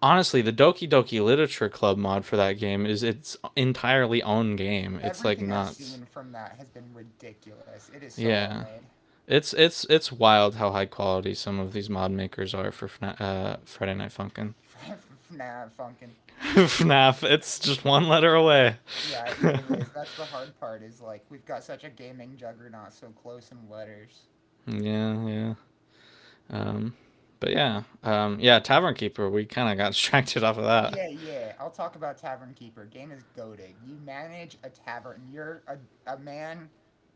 S1: honestly, the Doki Doki Literature Club mod for that game is its entirely own game. It's like
S2: Everything I've
S1: nuts.
S2: seen from that has been ridiculous. It is so well
S1: Yeah.
S2: made.
S1: It's wild how high quality some of these mod makers are for Friday Night Funkin'.
S2: Nah, Funkin.
S1: FNAF, it's just one letter away.
S2: Yeah, it
S1: yeah,
S2: really is. That's the hard part, is like, we've got such a gaming juggernaut so close in letters.
S1: yeah. Um, but yeah, yeah. Tavern Keeper, we kind of got distracted off of that.
S2: Yeah, yeah. I'll talk about Tavern Keeper. Game is goated. You manage a tavern. You're a man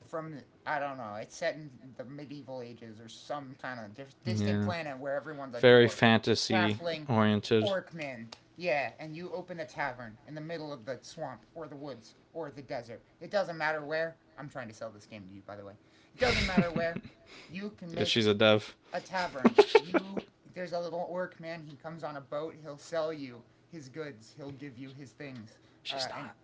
S2: from the, I don't know. It's set in the medieval ages or some kind of distant
S1: Yeah.
S2: planet where everyone's a
S1: Very
S2: dwarf,
S1: fantasy
S2: halfling,
S1: oriented.
S2: orc man. Yeah, and you open a tavern in the middle of the swamp or the woods or the desert. It doesn't matter where. I'm trying to sell this game to you, by the way. It doesn't matter where. You can
S1: If
S2: make
S1: she's a dev.
S2: a tavern. You There's a little orc man. He comes on a boat. He'll sell you his goods. He'll give you his things.
S1: She's
S2: And
S1: not.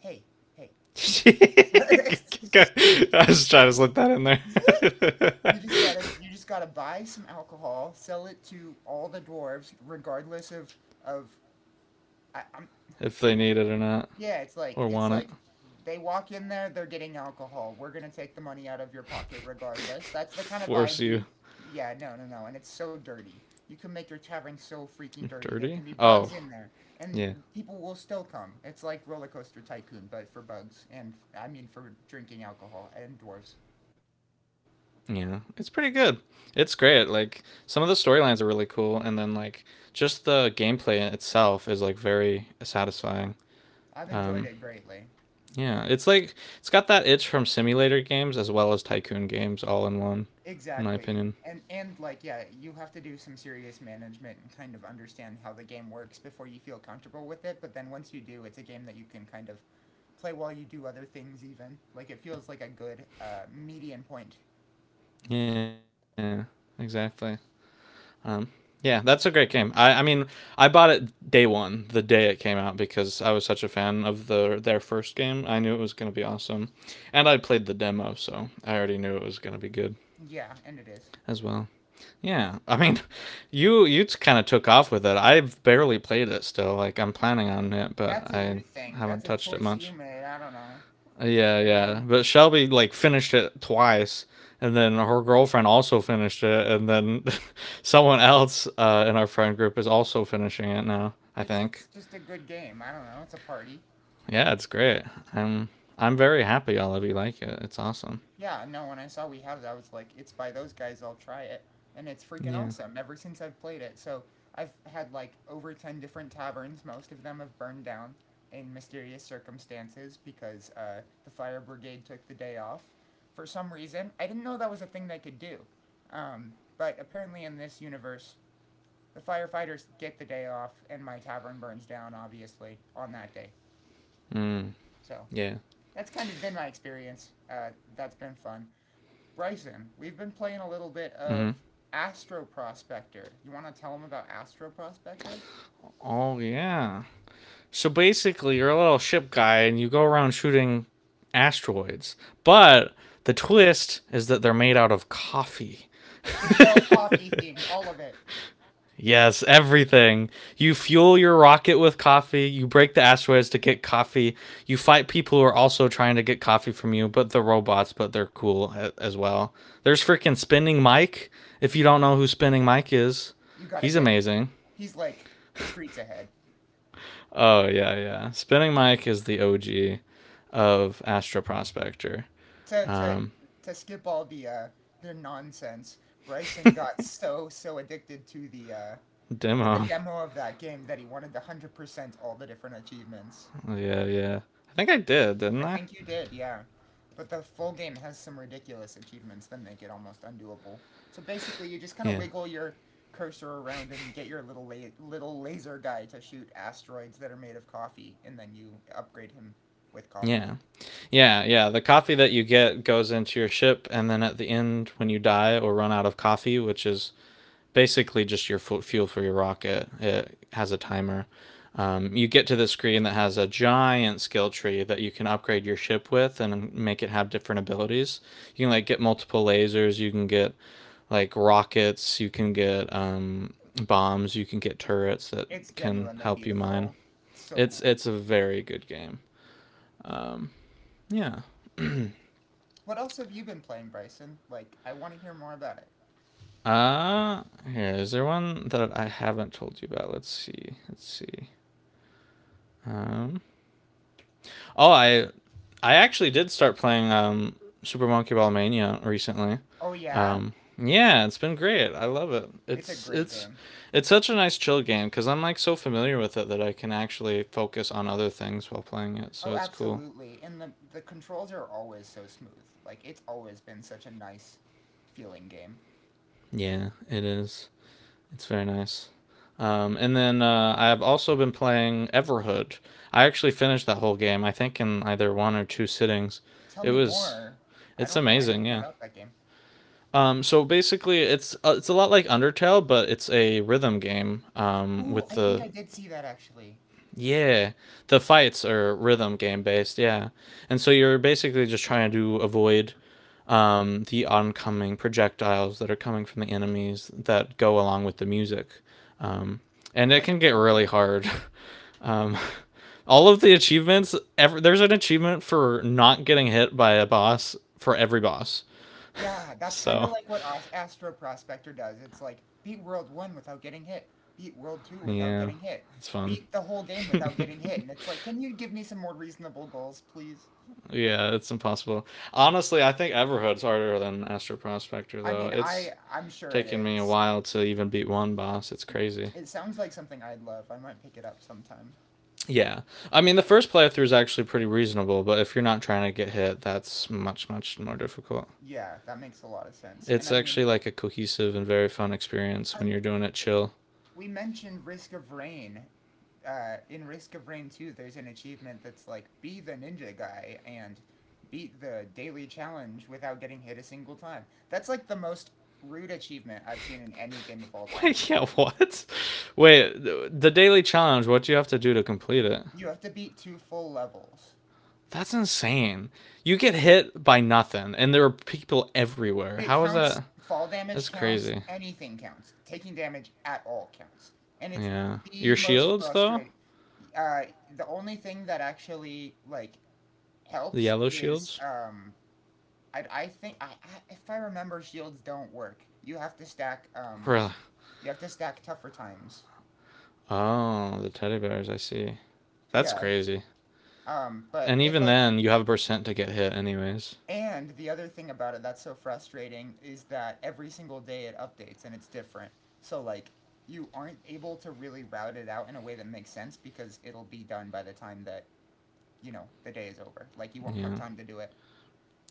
S2: hey, hey,
S1: I was trying to slip that in
S2: you
S1: there.
S2: you just gotta buy some alcohol, sell it to all the dwarves, regardless of of I, I'm
S1: If they need it or not,
S2: Yeah, it's
S1: or want it,
S2: like they walk in there, they're getting alcohol. We're gonna take the money out of your pocket regardless. That's the kind of
S1: force
S2: vibe
S1: you.
S2: we. Yeah, no, no, no, and it's so dirty. You can make your tavern so freaking dirty. There can
S1: Dirty?
S2: be bugs
S1: Oh,
S2: in there, and
S1: yeah.
S2: people will still come. It's like Roller Coaster Tycoon, but for bugs, and I mean for drinking alcohol and dwarves.
S1: Yeah. It's pretty good. It's great. Like, some of the storylines are really cool, and then, like, just the gameplay in itself is, like, very satisfying.
S2: I've enjoyed
S1: Um,
S2: it greatly.
S1: Yeah, it's like it's got that itch from simulator games as well as tycoon games all in one, in my
S2: Exactly.
S1: opinion.
S2: And like yeah, you have to do some serious management and kind of understand how the game works before you feel comfortable with it, but then once you do, it's a game that you can kind of play while you do other things even. Like it feels like a good median point.
S1: Yeah, exactly. Um, yeah, that's a great game. I mean, I bought it day one, the day it came out, because I was such a fan of their first game. I knew it was going to be awesome, and I played the demo, so I already knew it was going to be good
S2: Yeah, and it is.
S1: as well. Yeah, I mean, you kind of took off with it. I've barely played it still. Like I'm planning on it, but
S2: That's a you
S1: I
S2: thing.
S1: haven't
S2: That's a
S1: touched it
S2: choice you
S1: much.
S2: made. I don't know. It's
S1: Yeah,
S2: a good
S1: yeah.
S2: game.
S1: But Shelby like finished it twice, and then her girlfriend also finished it, and then someone else in our friend group is also finishing it now. I
S2: It's
S1: think.
S2: just a good game. I don't know. It's a party.
S1: Yeah, it's great. I'm I'm very happy all of you like it. It's awesome.
S2: Yeah, no, when I saw we had it, I was like, it's by those guys, I'll try it. And it's freaking
S1: Yeah.
S2: awesome ever since I've played it. So I've had like over 10 different taverns. Most of them have burned down in mysterious circumstances because the fire brigade took the day off for some reason. I didn't know that was a thing they could do. But apparently, in this universe, the firefighters get the day off, and my tavern burns down, obviously, on that day.
S1: Mm,
S2: So
S1: yeah.
S2: that's kind of been my experience. That's been fun. Bryson, we've been playing a little bit of Astro Prospector. You want to tell him about Astro Prospector?
S1: Oh yeah. So basically, you're a little ship guy, and you go around shooting asteroids. But the twist is that they're made out of coffee.
S2: It's all coffee themed, all of it.
S1: Yes, everything. You fuel your rocket with coffee. You break the asteroids to get coffee. You fight people who are also trying to get coffee from you, but the robots, but they're cool as well. There's freaking Spinning Mike. If you don't know who Spinning Mike is,
S2: You gotta
S1: he's
S2: get.
S1: amazing.
S2: He's like streets ahead.
S1: Oh, yeah, yeah. Spinning Mike is the OG of Astro Prospector.
S2: To to
S1: Um,
S2: to skip all the nonsense. Bryson got so addicted to the
S1: demo.
S2: demo of that game that he wanted to 100% all the different achievements.
S1: yeah, yeah. I think I did,
S2: I
S1: didn't I?
S2: think you did, yeah. But the full game has some ridiculous achievements that make it almost undoable. So basically, you just kind of
S1: Yeah.
S2: wiggle your cursor around and get your little little laser guy to shoot asteroids that are made of coffee, and then you upgrade him with coffee.
S1: Yeah. Yeah, yeah. The coffee that you get goes into your ship, and then at the end, when you die or run out of coffee, which is basically just your fuel for your rocket, it has a timer. You get to the screen that has a giant skill tree that you can upgrade your ship with and make it have different abilities. You can like get multiple lasers. You can get like rockets. You can get bombs. You can get turrets that
S2: It's
S1: can
S2: genuinely
S1: help you mine.
S2: beautiful. It's so
S1: It's
S2: cool.
S1: it's a very good game. Yeah.
S2: What else have you been playing, Bryson? Like, I want to hear more about it.
S1: Uh here is there one that I haven't told you about? Let's see. Let's see. Um Oh, I actually did start playing Super Monkey Ball Mania recently.
S2: Oh yeah,
S1: Um yeah, it's been great. I love it.
S2: it's a
S1: It's
S2: great
S1: it's
S2: game.
S1: it's such a nice chill game cuz I'm like so familiar with it that I can actually focus on other things while playing it.
S2: Oh,
S1: So it's cool.
S2: absolutely. And the controls are always so smooth. Like, it's always been such a nice feeling game.
S1: Yeah, it is. It's very nice. And then I've also been playing Everhood. I actually finished that whole game. I think in either one or two sittings.
S2: Tell
S1: It
S2: me
S1: was
S2: more. I
S1: it's
S2: don't know
S1: amazing.
S2: anything
S1: Yeah.
S2: about that game.
S1: So basically, it's a lot like Undertale, but it's a rhythm game
S2: Ooh,
S1: with
S2: I think I
S1: the
S2: did see that actually.
S1: yeah, the fights are rhythm game based. Yeah, and so you're basically just trying to avoid the oncoming projectiles that are coming from the enemies that go along with the music, um, and it
S2: That's
S1: can get
S2: so
S1: really
S2: cool.
S1: hard. um, all of the achievements, ever, there's an achievement for not getting hit by a boss for every boss.
S2: Yeah, that's kind of
S1: So
S2: like what Astro Prospector does. It's like beat World 1 without getting hit, beat World 2 without
S1: yeah,
S2: getting hit,
S1: it's fun.
S2: beat the whole game without getting hit. And it's like, can you give me some more reasonable goals, please?
S1: Yeah, it's impossible. Honestly, I think Everhood's harder than Astro Prospector
S2: I
S1: though.
S2: mean,
S1: It's
S2: I'm sure it
S1: taken me a
S2: is.
S1: while to even beat one boss. It's crazy.
S2: It sounds like something I'd love. I might pick it up sometime.
S1: Yeah. I mean, the first playthrough is actually pretty reasonable, but if you're not trying to get hit, that's much, much more difficult.
S2: Yeah, that makes a lot of sense. And
S1: It's
S2: I mean,
S1: actually like a cohesive and very fun experience when
S2: I'm,
S1: you're doing it chill.
S2: we mentioned Risk of Rain in Risk of Rain 2, there's an achievement that's like be the ninja guy and beat the daily challenge without getting hit a single time. That's like the most rude achievement I've seen in any game of all time.
S1: Wait, yeah, what? Wait, the daily challenge, what do you have to do to complete it?
S2: You have to beat 2 full levels.
S1: That's insane. You get hit by nothing, and there are people everywhere.
S2: It
S1: How is
S2: counts,
S1: that?
S2: fall damage
S1: That's
S2: counts,
S1: crazy.
S2: anything counts. Taking damage at all counts. And it's
S1: Yeah.
S2: the
S1: Your
S2: most
S1: shields, though?
S2: frustrating. Uh, the only thing that actually like
S1: The
S2: helps
S1: yellow
S2: is
S1: shields?
S2: I think I if I remember, shields don't work. You have to stack
S1: Really?
S2: you have to stack tougher times.
S1: Oh, the teddy bears. I see. That's
S2: Yeah.
S1: crazy.
S2: But
S1: And
S2: it
S1: even
S2: like
S1: then, you have a percent to get hit, anyways.
S2: And the other thing about it that's so frustrating is that every single day it updates and it's different. So like you aren't able to really route it out in a way that makes sense because it'll be done by the time that, you know, the day is over. Like you won't have
S1: Yeah.
S2: time to do it.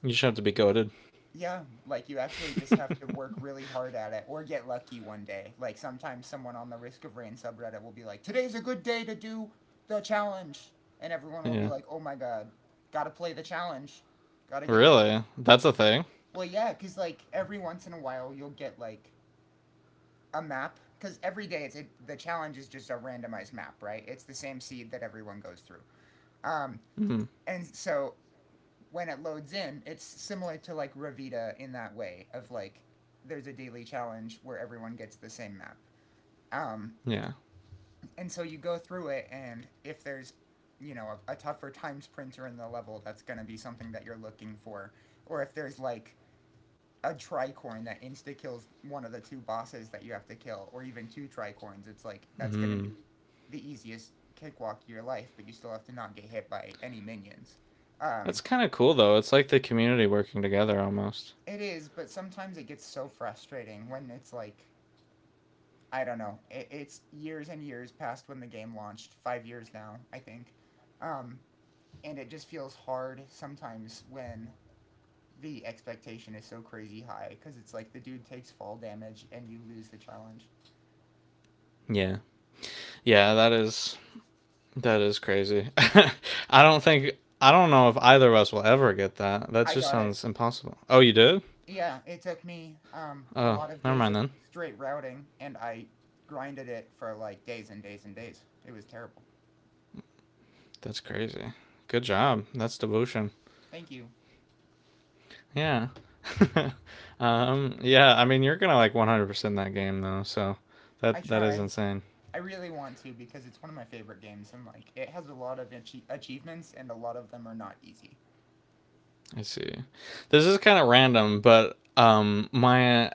S1: You just have to be goaded.
S2: Yeah, like you actually just have to work really hard at it or get lucky one day. Like sometimes someone on the Risk of Rain subreddit will be like, "Today's a good day to do the challenge." And everyone will be
S1: Yeah.
S2: like, "Oh my god, got to play the challenge. Got to get the
S1: Really? That's a thing?
S2: Well, yeah, cuz like every once in a while you'll get like a map cuz every day the challenge is just a randomized map, right? It's the same seed that everyone goes through. Um
S1: Hmm.
S2: and so when it loads in, it's similar to like Ravita in that way of like there's a daily challenge where everyone gets the same map. Um,
S1: Yeah.
S2: and so you go through it, and if there's you know a tougher time sprinter in the level, that's going to be something that you're looking for. Or if there's like a tricorn that insta kills one of the two bosses that you have to kill, or even two tricorns, it's like that's going to be
S1: Hmm.
S2: the easiest cakewalk of your life, but you still have to not get hit by any minions. Um,
S1: That's kind of cool, though. It's like the community working together almost.
S2: It is, but sometimes it gets so frustrating when it's like I don't know. It's years and years past when the game launched, 5 years now, I think, um, and it just feels hard sometimes when the expectation is so crazy high because it's like the dude takes fall damage and you lose the challenge.
S1: Yeah. Yeah, that is. That is crazy. I don't think. I don't know if either of us will ever get that. That
S2: I
S1: just
S2: got it.
S1: sounds impossible. Oh, you did?
S2: Yeah, it took
S1: Oh,
S2: me
S1: never mind then.
S2: a lot of days of straight routing, and I grinded it for like days and days and days. It was terrible.
S1: That's crazy. Good job. That's devotion.
S2: Thank you.
S1: Yeah. Yeah, I mean you're gonna like 100% that game though, so
S2: I
S1: that is
S2: try.
S1: insane.
S2: I really want to because it's one of my favorite games and like it has a lot of achievements and a lot of them are not easy.
S1: I see. This is kind of random, but my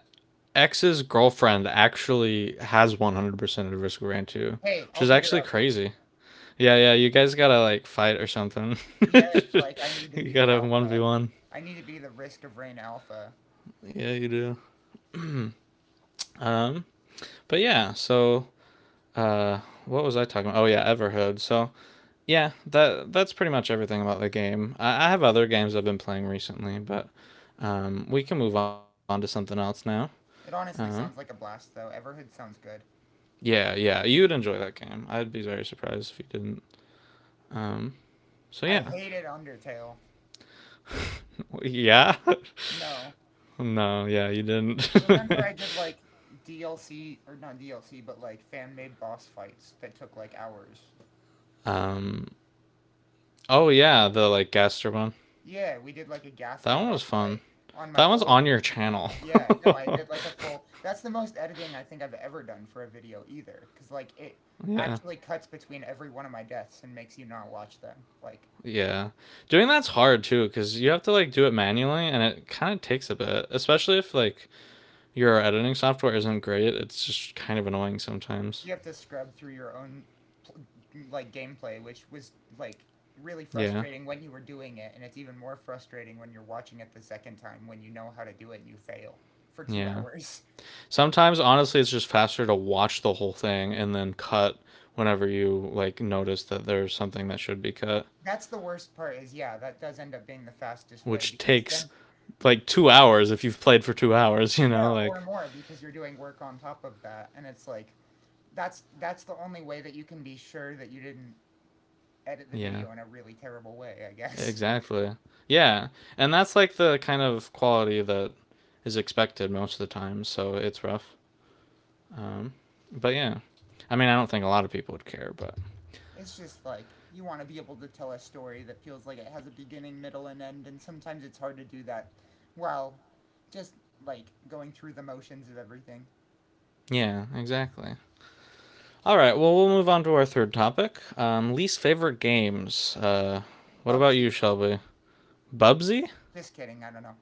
S1: ex's girlfriend actually has 100% of Risk of Rain 2,
S2: Hey,
S1: which
S2: I'll
S1: is
S2: beat her
S1: actually
S2: up.
S1: crazy. Yeah, yeah, you guys gotta like fight or something.
S2: Yeah, it's like I need to
S1: you
S2: be the
S1: gotta
S2: alpha.
S1: 1v1.
S2: I need to be the Risk of Rain alpha.
S1: Yeah, you do. Um, but yeah, so uh, what was I talking about? Oh yeah, Everhood. So yeah, that's pretty much everything about the game. I have other games I've been playing recently, but we can move on to something else now.
S2: It
S1: Um,
S2: honestly sounds like a blast though. Everhood sounds good.
S1: yeah, yeah, you would enjoy that game. I'd be very surprised if you didn't. Um, so
S2: I
S1: yeah,
S2: hated Undertale.
S1: yeah,
S2: No.
S1: no, yeah, you didn't.
S2: Remember I did like DLC or not DLC but like fan-made boss fights that took like hours.
S1: um, oh yeah, the like Gaster one.
S2: Yeah, we did like a
S1: That
S2: Gaster
S1: one was
S2: boss
S1: fun.
S2: fight on my
S1: That one's
S2: old
S1: on your
S2: YouTube
S1: channel.
S2: channel. Yeah, no, I did like a full. That's the most editing I think I've ever done for a video either, because like it
S1: yeah,
S2: actually cuts between every one of my deaths and makes you not watch them. Like
S1: Yeah. Doing that's hard too cuz you have to like do it manually and it kind of takes a bit, especially if like your editing software isn't great. It's just kind of annoying sometimes.
S2: you have to scrub through your own pl- like gameplay, which was like really
S1: Yeah.
S2: frustrating when you were doing it, and it's even more frustrating when you're watching it the second time when you know how to do it and you fail for two
S1: Yeah.
S2: hours.
S1: Sometimes honestly it's just faster to watch the whole thing and then cut whenever you like notice that there's something that should be cut,
S2: That's the worst part is yeah, that does end up being the fastest way
S1: which
S2: because
S1: takes
S2: then
S1: like 2 hours if you've played for 2 hours, you
S2: Yeah,
S1: know, like
S2: or more because you're doing work on top of that. And it's like that's the only way that you can be sure that you didn't edit the
S1: yeah.
S2: video in a really terrible way, I guess.
S1: Exactly. Yeah. And that's like the kind of quality that is expected most of the time, so it's rough. Um, but yeah. I mean, I don't think a lot of people would care, but
S2: It's just like you want to be able to tell a story that feels like it has a beginning, middle, and end, and sometimes it's hard to do that while just like going through the motions of everything.
S1: yeah, exactly. All right, well, we'll move on to our third topic least favorite games. What about you,
S2: Bubsy,
S1: Shelby? Bubsy?
S2: just kidding, I don't know.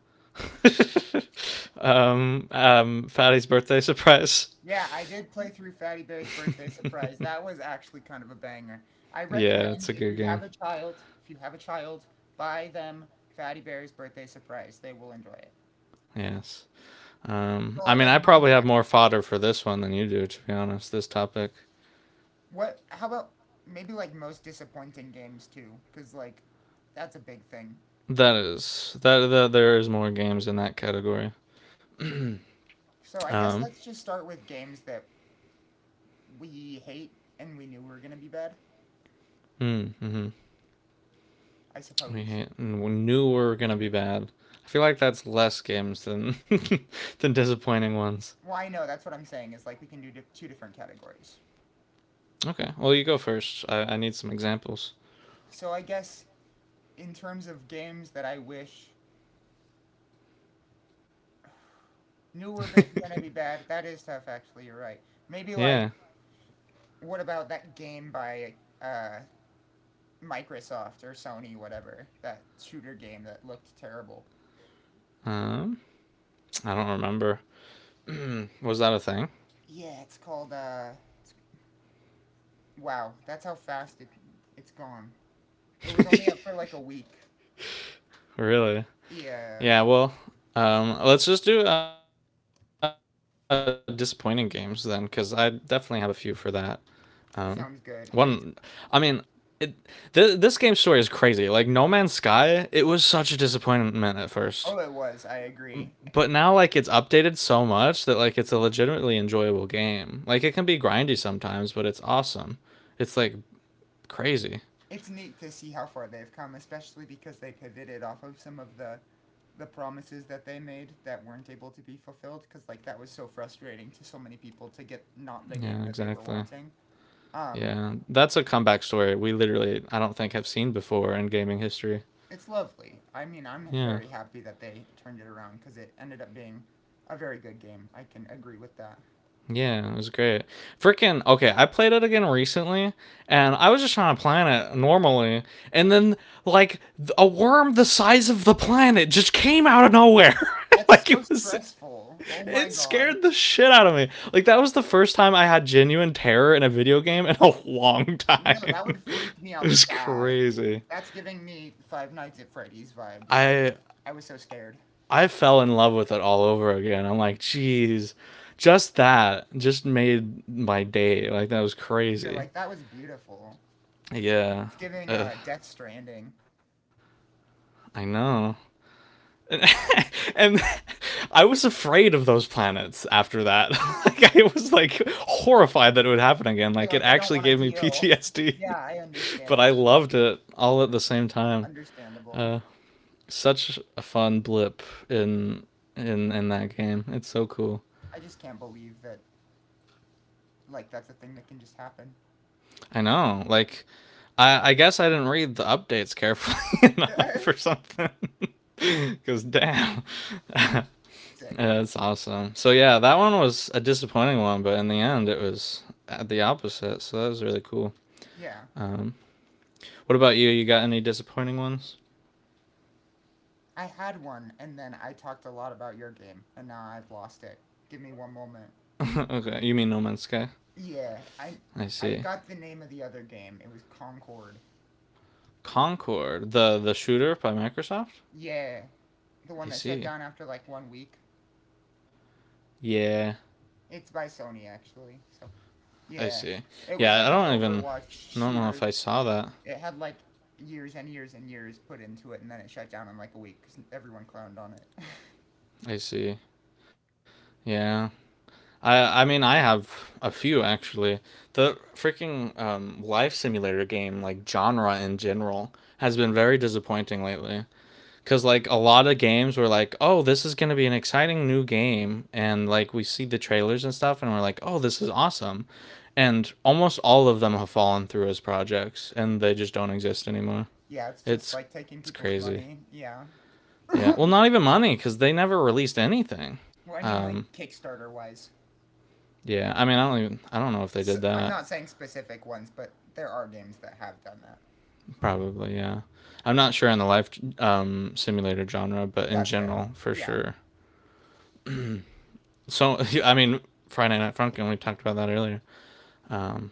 S1: Fatty's birthday surprise.
S2: Yeah, I did play through Fatty Bear's Birthday Surprise. That was actually kind of a banger. I
S1: yeah,
S2: recommend
S1: it's a
S2: if
S1: good
S2: you have
S1: game.
S2: a child, if you have a child, buy them Fatty Bear's Birthday Surprise. They will enjoy it.
S1: Yes.
S2: It's a
S1: I
S2: lot
S1: mean,
S2: like
S1: I probably have
S2: Minecraft.
S1: more fodder for this one than you do, to be honest. This topic,
S2: What, how about maybe like most disappointing games too? Because like that's a big thing.
S1: that there is more games in that category.
S2: So I guess
S1: Um,
S2: let's just start with games that we hate and we knew were gonna be bad,
S1: mm, hmm
S2: I suppose.
S1: we, we knew we were gonna be bad. I feel like that's less games than than disappointing ones.
S2: Well, I know that's what I'm saying is like we can do two different categories.
S1: Okay, well you go first. I need some examples.
S2: So I guess in terms of games that I wish knew were gonna be bad, that is tough. Actually, you're right. Maybe like
S1: yeah.
S2: what about that game by uh, Microsoft or Sony, whatever that shooter game that looked terrible.
S1: Um, I don't remember. Hmm, was that a thing?
S2: Yeah, it's called. It's, wow, that's how fast it's gone. It was only up for like a week.
S1: really?
S2: Yeah,
S1: Yeah, well, let's just do disappointing games then, because I definitely have a few for that. Um, one,
S2: sounds
S1: I
S2: good.
S1: mean,
S2: And it's
S1: it, this game story is crazy. Like No Man's Sky, it was such a disappointment at first,
S2: oh, it was. I agree.
S1: but now like it's updated so much that like it's a legitimately enjoyable game. Like it can be grindy sometimes, but it's awesome. It's like crazy.
S2: It's neat to see how far they've come, especially because they pivoted off of some of the promises that they made that weren't able to be fulfilled because like that was so frustrating to so many people to get not
S1: Yeah,
S2: the game that they
S1: exactly.
S2: were wanting. um,
S1: Yeah, that's a comeback story we literally I don't think have seen before in gaming history.
S2: it's lovely. I mean, I'm
S1: Yeah.
S2: very happy that they turned it around because it ended up being a very good game, I can agree with that.
S1: Yeah, it was great. Freaking okay, I played it again recently, and I was just trying to plan it normally, and then like a worm the size of the planet just came out of nowhere.
S2: That's
S1: like
S2: so
S1: it was,
S2: stressful, oh my
S1: it
S2: god.
S1: scared the shit out of me. Like that was the first time I had genuine terror in a video game in a long
S2: No,
S1: time.
S2: that would freak me
S1: it
S2: out
S1: was
S2: bad.
S1: crazy.
S2: That's giving me Five Nights at Freddy's vibes. i was
S1: I
S2: i was so scared.
S1: I fell in love with it all over again. I'm like, jeez, just that just made my day. Like that was
S2: You're
S1: crazy.
S2: like, "That was beautiful."
S1: Yeah.
S2: It's giving,
S1: Uh,
S2: Death Stranding.
S1: I know. And I was afraid of those planets after that. like I was like horrified that it would happen again. Like
S2: You're
S1: it
S2: like, "I don't
S1: actually
S2: want to
S1: gave me
S2: deal."
S1: PTSD,
S2: Yeah, I
S1: but
S2: understand.
S1: I loved it all at the same time.
S2: Understandable.
S1: Such a fun blip in in that game. It's so cool.
S2: I just can't believe that, like, that's a thing that can just happen.
S1: I know. Like I guess I didn't read the updates carefully enough or something. Cuz damn.
S2: Sick.
S1: Yeah, that's awesome. So yeah, that one was a disappointing one, but in the end, it was at the opposite. So that was really cool.
S2: Yeah.
S1: Um, what about you? You got any disappointing ones?
S2: I had one, and then I talked a lot about your game, and now I've lost it. Give me one moment.
S1: okay, you mean No Man's Sky?
S2: Yeah, I
S1: I
S2: I
S1: see.
S2: got the name of the other game. It was Concord.
S1: Concord, the shooter by Microsoft.
S2: Yeah, the one
S1: I
S2: that shut
S1: see.
S2: down after, like, 1 week.
S1: Yeah,
S2: It's by Sony, actually, so
S1: I
S2: yeah.
S1: see.
S2: It was
S1: Yeah,
S2: like
S1: I
S2: an
S1: don't even.
S2: Overwatch
S1: I don't know if
S2: shooter.
S1: I saw that.
S2: It had like years and years and years put into it, and then it shut down in like a week because everyone clowned on it.
S1: I see. Yeah, I mean I have a few actually. The freaking life simulator game like genre in general has been very disappointing lately cuz like a lot of games were like, "Oh, this is going to be an exciting new game." And like we see the trailers and stuff and we're like, "Oh, this is awesome." And almost all of them have fallen through as projects and they just don't exist anymore.
S2: Yeah, it's just
S1: It's
S2: like taking
S1: it's
S2: people's
S1: crazy.
S2: money. Yeah.
S1: Yeah. Well, not even money cuz they never released anything.
S2: Well, I mean,
S1: Um
S2: like Kickstarter wise.
S1: yeah, I mean, I don't even I don't know if they did
S2: So, I'm
S1: that.
S2: not saying specific ones, but there are games that have done that.
S1: Probably, yeah. I'm not sure on the life simulator genre, but in
S2: That's fair.
S1: general, for
S2: Yeah.
S1: sure. So, I mean, Friday Night Funkin', we talked about that earlier. Um,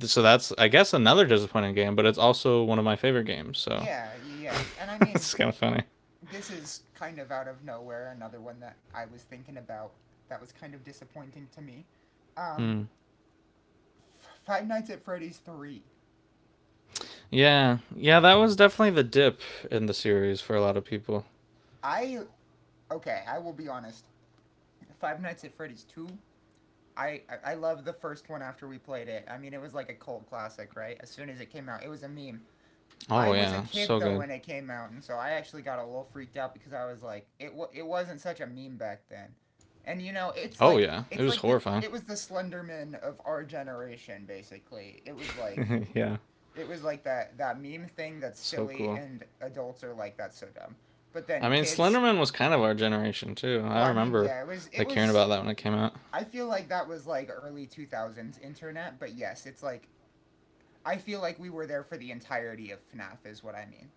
S1: so that's, I guess, another disappointing game, but it's also one of my favorite games. So
S2: Yeah, yeah, yeah. And I mean,
S1: it's kind of funny.
S2: this is kind of out of nowhere, another one that I was thinking about that was kind of disappointing to me. Um,
S1: Hmm.
S2: Five Nights at Freddy's 3.
S1: Yeah, yeah, that was definitely the dip in the series for a lot of people.
S2: I Okay, I will be honest. Five Nights at Freddy's two. I love the first one after we played it. I mean, it was like a cult classic, right? As soon as it came out, it was a meme. I
S1: Oh
S2: was a
S1: yeah,
S2: kid
S1: so
S2: though
S1: good.
S2: when it came out, and so I actually got a little freaked out because I was like, it wasn't such a meme back then, and you know,
S1: Oh yeah, it
S2: it's
S1: was
S2: like the
S1: horrifying.
S2: it was the Slenderman of our generation basically. It was like
S1: yeah,
S2: it was like that meme thing that's
S1: so
S2: silly
S1: cool.
S2: and adults are like that's so dumb, but
S1: I
S2: then
S1: mean,
S2: kids.
S1: Slenderman was kind of our generation too. I
S2: Well, I mean,
S1: remember
S2: yeah, it was it
S1: like hearing
S2: was
S1: about that when it came out.
S2: I feel like that was like early 2000s internet, but yes, it's like I feel like we were there for the entirety of FNAF is what I mean.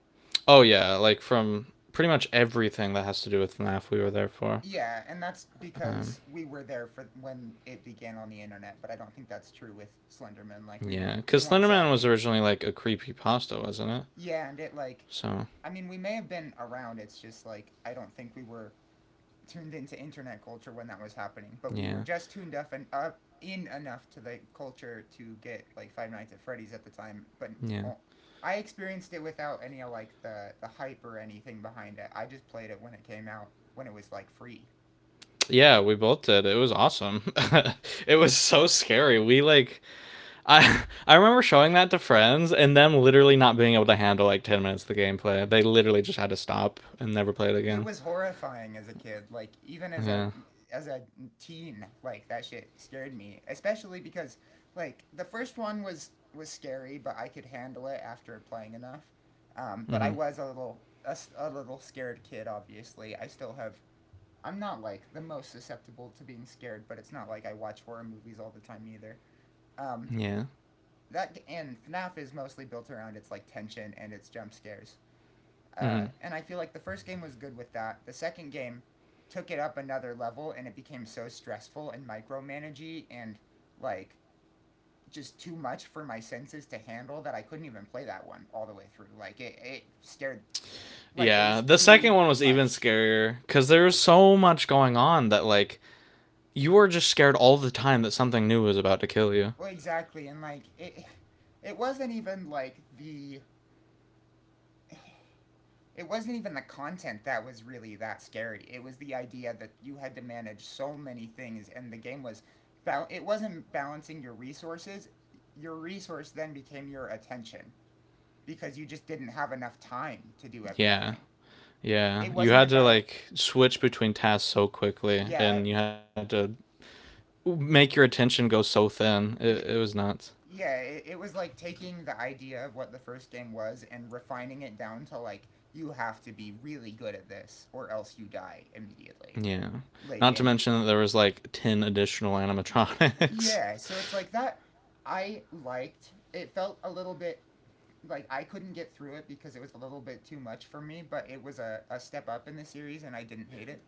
S1: Oh yeah, like from pretty much everything that has to do with F NAF, we were there for.
S2: Yeah, and that's
S1: Um,
S2: because we were there for when it began on the internet, but I don't think that's true with Slenderman. Like we
S1: yeah,
S2: weren't we
S1: because
S2: weren't
S1: Slenderman was
S2: savvy.
S1: originally like a creepy pasta, wasn't it?
S2: Yeah, and it like
S1: So
S2: I mean we may have been around, it's just like I don't think we were tuned into internet culture when that was happening, but we were
S1: yeah,
S2: just tuned up and up in enough to the culture to get like Five Nights at Freddy's at the time. But
S1: yeah.
S2: uh, I experienced it without any like the hype or anything behind it. I just played it when it came out when it was like free.
S1: Yeah, we both did. It was awesome. it was so scary. We like I remember showing that to friends and them literally not being able to handle like 10 minutes of the gameplay. They literally just had to stop and never play it
S2: It
S1: again.
S2: was horrifying as a kid, like even as a
S1: Yeah.
S2: as a teen. Like that shit scared me, especially because like the first one was scary, but I could handle it after playing enough. But
S1: Mhm.
S2: I was a little scared kid. Obviously I still have, I'm not like the most susceptible to being scared, but it's not like I watch horror movies all the time either. um,
S1: Yeah.
S2: that and FNAF is mostly built around its like tension and its jump scares.
S1: Mhm.
S2: And I feel like the first game was good with that. The second game took it up another level, and it became so stressful and micromanagey and like just too much for my senses to handle that I couldn't even play that one all the way through. Like it scared. Like it was
S1: Yeah, the second
S2: too
S1: one was even
S2: much.
S1: scarier cuz there was so much going on that like you were just scared all the time that something new was about to kill you.
S2: Well, exactly, and it wasn't even like the, it wasn't even the content that was really that scary. It was the idea that you had to manage so many things, and the game was. It wasn't balancing your resources. Your resource then became your attention because you just didn't have enough time to do
S1: Yeah.
S2: everything.
S1: Yeah.
S2: It
S1: You
S2: wasn't
S1: had to
S2: about.
S1: like switch between tasks so quickly
S2: Yeah.
S1: and you had to make your attention go so thin. It
S2: y-
S1: was nuts.
S2: Yeah, it was like taking the idea of what the first game was and refining it down to like, you have to be really good at this or else you die immediately.
S1: Yeah.
S2: Late
S1: Not to
S2: game.
S1: mention that there was like 10 additional animatronics.
S2: Yeah, so it's like that. I liked it. Felt a little bit like I couldn't get through it because it was a little bit too much for me, but it was a step up in the series and I didn't hate it.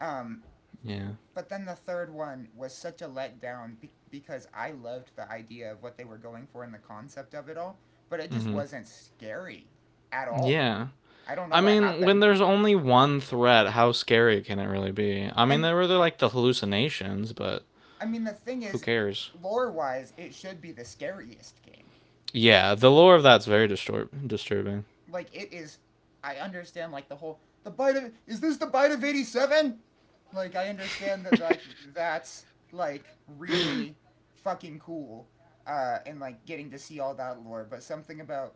S2: Um,
S1: yeah.
S2: but then the third one was such a letdown because I loved the idea of what they were going for and the concept of it all, but it just
S1: Mhm.
S2: wasn't scary at all.
S1: Yeah.
S2: I don't know
S1: I
S2: what
S1: mean, when
S2: happened.
S1: there's only one threat, how scary can it really be? I mean,
S2: And
S1: there were like the hallucinations, but
S2: I mean, the thing
S1: who
S2: is,
S1: cares?
S2: lore wise, it should be the scariest game.
S1: Yeah, the lore of that's very disturbing.
S2: Like it is, I understand like the whole the bite of, is this the bite of 87? Like I understand that like that's like really fucking cool, and like getting to see all that lore, but something about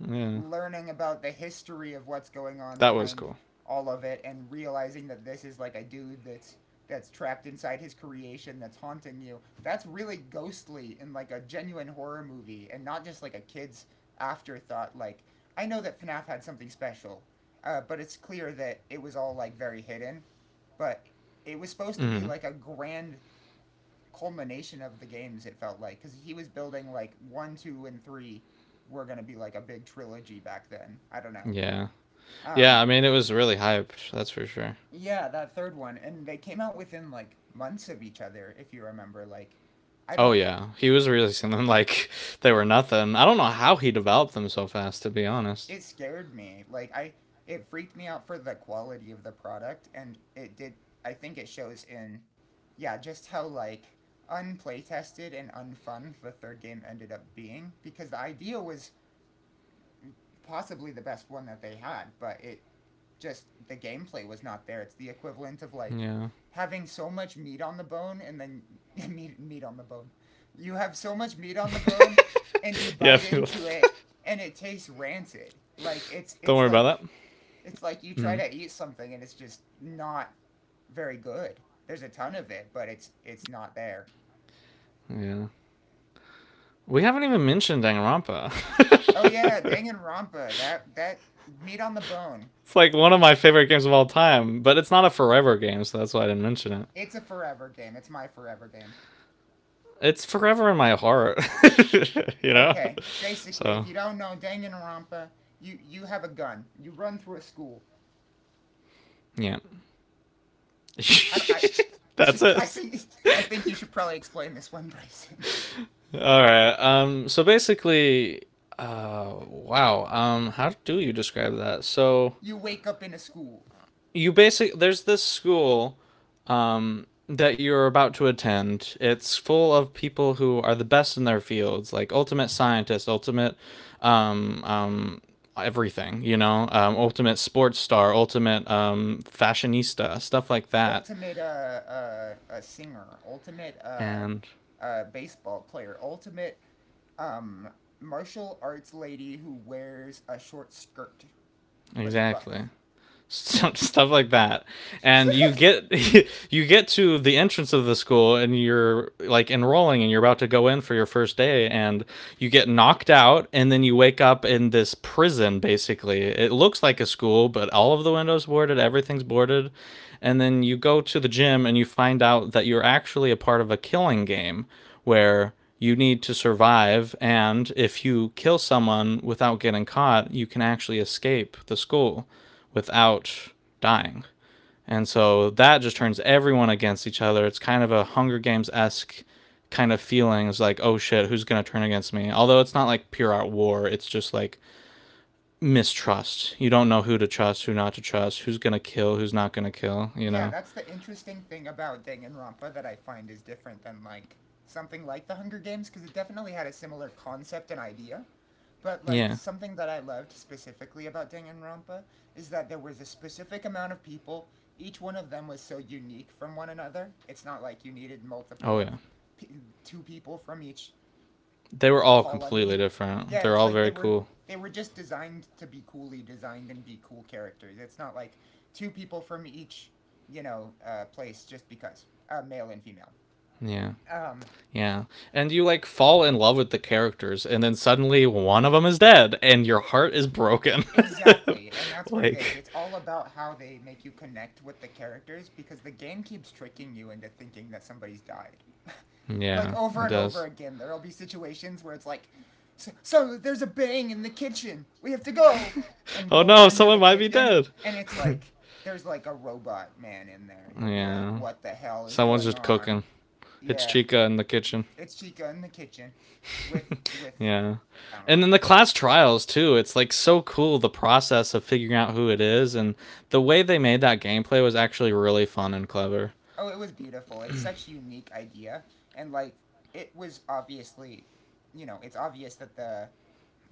S1: Yeah,
S2: learning about the history of what's going on
S1: that was
S2: behind
S1: cool.
S2: all of it and realizing that this is like a dude that's trapped inside his creation that's haunting you, that's really ghostly, in like a genuine horror movie and not just like a kid's afterthought. Like I know that FNAF had something special, but it's clear that it was all like very hidden, but it was supposed to be
S1: Mm-hmm.
S2: like a grand culmination of the games, it felt like, because he was building like 1, 2 and three were going to be like a big trilogy back then, I don't know.
S1: Yeah, yeah.
S2: um
S1: I mean, it was really hyped. That's for sure.
S2: yeah, that third one, and they came out within like months of each other, if you remember, like I
S1: Oh
S2: don't.
S1: yeah, he was releasing them like they were nothing. I don't know how he developed them so fast, to be honest.
S2: It scared me, like I it freaked me out for the quality of the product, and it did, I think it shows in, yeah, just how like unplaytested and unfun the third game ended up being, because the idea was possibly the best one that they had, but it, just the gameplay was not there. It's the equivalent of like
S1: Yeah,
S2: having so much meat on the bone and then meat on the bone. You have so much meat on the bone and you
S1: yeah.
S2: bite into
S1: If
S2: it and it tastes rancid. Like it's it's
S1: don't worry
S2: like
S1: about that.
S2: it's like you try to eat
S1: Mm.
S2: something and it's just not very good. There's a ton of it, but it's not there.
S1: Yeah, we haven't even mentioned Danganronpa.
S2: Oh yeah, Danganronpa, that meat on the bone.
S1: it's like one of my favorite games of all time, but it's not a forever game, so that's why I didn't mention it.
S2: It's a forever game. It's my forever game.
S1: It's forever in my heart, you know.
S2: Okay, basically, if
S1: So
S2: you don't know Danganronpa, you have a gun. You run through a school.
S1: yeah,
S2: I don't- I,
S1: that's
S2: I think I think
S1: it.
S2: you should probably explain this one, Bryson.
S1: All right. So basically, wow. How do you describe that? So
S2: You wake up in a school.
S1: you basically there's this school. That you're about to attend. It's full of people who are the best in their fields, like ultimate scientist, ultimate, um, um, everything. You know, ultimate sports star, ultimate fashionista, stuff like that.
S2: Ultimate a singer. Ultimate
S1: And
S2: baseball player. Ultimate um martial arts lady who wears a short skirt but is buff.
S1: exactly. stuff like that and you get, you get to the entrance of the school and you're like enrolling and you're about to go in for your first day and you get knocked out and then you wake up in this prison. Basically, it looks like a school, but all of the windows boarded, everything's boarded, and then you go to the gym and you find out that you're actually a part of a killing game where you need to survive, and if you kill someone without getting caught, you can actually escape the school without dying. And so that just turns everyone against each other. It's kind of a Hunger Games esque kind of feeling. It's like, oh shit, who's going to turn against me? Although it's not like pure out war, it's just like mistrust. You don't know who to trust, who not to trust, who's going to kill, who's not going to kill, you
S2: Yeah,
S1: know?
S2: that's the interesting thing about Danganronpa that I find is different than like something like The Hunger Games, because it definitely had a similar concept and idea. But like
S1: Yeah.
S2: something that I loved specifically about Danganronpa is that there was a specific amount of people. Each one of them was so unique from one another. It's not like you needed
S1: Oh,
S2: multiple of
S1: yeah.
S2: p- two people from each
S1: They were all completely
S2: colony.
S1: different.
S2: Yeah,
S1: They're
S2: it's
S1: all
S2: like they
S1: very
S2: were
S1: cool.
S2: they were just designed to be coolly designed and be cool characters. It's not like two people from each, you know, place just because male and female.
S1: Yeah. Yeah.
S2: Um,
S1: And you like fall in love with the characters and then suddenly one of them is dead and your heart is broken.
S2: exactly, and that's what it is.
S1: like
S2: It's all about how they make you connect with the characters, because the game keeps tricking you into thinking that somebody's died. Like
S1: yeah, it
S2: over and over
S1: does.
S2: again there'll be situations where it's like, so there's a bang in the kitchen, we have to go, and
S1: Oh
S2: you'll
S1: no,
S2: run to
S1: someone
S2: the
S1: might be
S2: kitchen
S1: dead.
S2: and it's like there's like a robot man in there and you'll be like
S1: Yeah.
S2: what the hell is
S1: Someone's
S2: going
S1: just cooking.
S2: on.
S1: It's
S2: Yeah,
S1: Chica in the kitchen.
S2: it's Chica in the kitchen with
S1: Yeah.
S2: I don't
S1: And
S2: know.
S1: then the class trials too. It's like so cool, the process of figuring out who it is, and the way they made that gameplay was actually really fun and clever.
S2: Oh, it was beautiful. It's such a unique idea, and like it was obviously, you know, it's obvious that the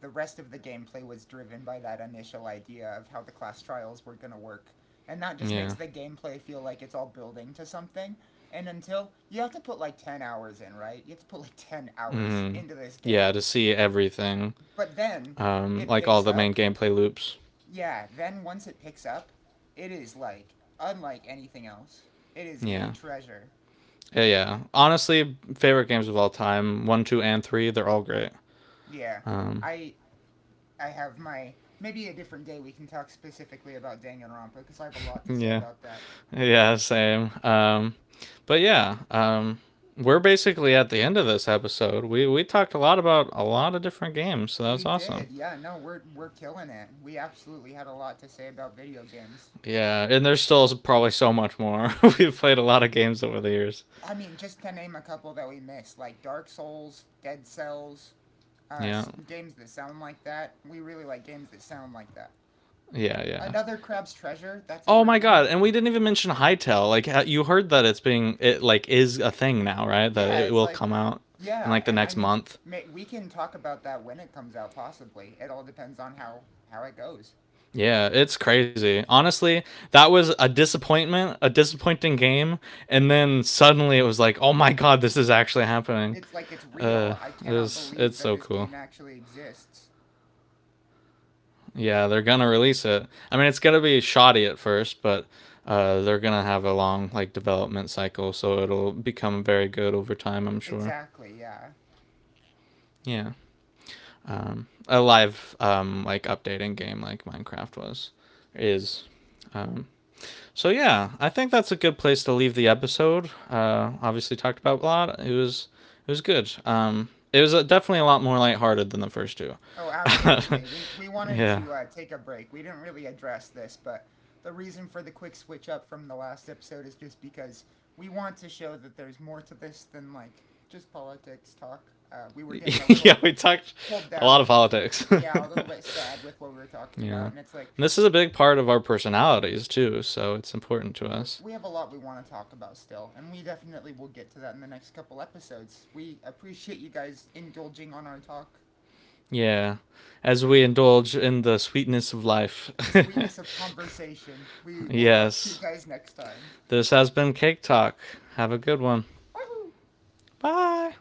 S2: the rest of the gameplay was driven by that initial idea of how the class trials were going to work. And that just makes
S1: Yeah.
S2: the gameplay feel like it's all building to something. And until you have to put like 10 hours in, right? You have to put like 10 hours
S1: Mhm.
S2: into this game.
S1: Yeah, to see everything.
S2: But then it
S1: Like all
S2: picks
S1: the main
S2: up.
S1: gameplay loops.
S2: Yeah, then once it picks up, it is like unlike anything else. It is a
S1: Yeah,
S2: treasure.
S1: yeah, yeah. Honestly, favorite games of all time, one, two, and three. They're all great.
S2: Yeah.
S1: Um,
S2: I I have my, maybe a different day we can talk specifically about Danganronpa because I have a lot to say
S1: yeah,
S2: about that.
S1: yeah, same. But yeah, we're basically at the end of this episode. We talked a lot about a lot of different games, so that was
S2: We
S1: awesome.
S2: did, yeah. No, we're killing it. We absolutely had a lot to say about video games.
S1: Yeah, and there's still probably so much more. We've played a lot of games over the years.
S2: I mean, just to name a couple that we missed, like Dark Souls, Dead Cells, uh,
S1: Yeah,
S2: games that sound like that. We really like games that sound like that.
S1: yeah, yeah.
S2: Another Crab's Treasure. That's a
S1: Oh
S2: great
S1: my
S2: one.
S1: god! And we didn't even mention Hytale. Like you heard that it's being it like is a thing now, right? That
S2: Yeah,
S1: it
S2: it's
S1: will
S2: like,
S1: come out in
S2: yeah,
S1: like the
S2: and I
S1: next
S2: mean,
S1: month.
S2: ma we can talk about that when it comes out. Possibly, it all depends on how it goes.
S1: Yeah, it's crazy. Honestly, that was a disappointment, a disappointing game, and then suddenly it was like, oh my god, this is actually happening.
S2: It's like it's
S1: Uh,
S2: real. I
S1: it
S2: cannot
S1: was,
S2: believe
S1: it's
S2: that
S1: so
S2: this
S1: cool.
S2: game actually exists.
S1: Yeah, they're gonna release it. I mean, it's gonna be shoddy at first, but they're gonna have a long like development cycle, so it'll become very good over time. I'm sure.
S2: Exactly. Yeah.
S1: Yeah. A live like updating game like Minecraft was is. Um, so yeah, I think that's a good place to leave the episode. Obviously talked about a lot. It was good. It was definitely a lot more lighthearted than the first two.
S2: Oh, absolutely. We wanted
S1: yeah.
S2: to take a break. We didn't really address this, but the reason for the quick switch up from the last episode is just because we want to show that there's more to this than like just politics talk. We were getting a
S1: yeah,
S2: little
S1: we talked
S2: pulled
S1: a lot of
S2: down,
S1: politics.
S2: yeah, a little bit sad with what we were talking about, and
S1: yeah.
S2: it's like
S1: And this is a big part of our personalities too, so it's important to
S2: we
S1: us.
S2: have a lot we want to talk about still, and we definitely will get to that in the next couple episodes. We appreciate you guys indulging on our talk,
S1: Yeah. As we indulge in the sweetness of life.
S2: the sweetness of conversation. We will talk to you
S1: yes.
S2: guys next time.
S1: This has been Cake Talk. Have a good one.
S2: Woohoo!
S1: Bye.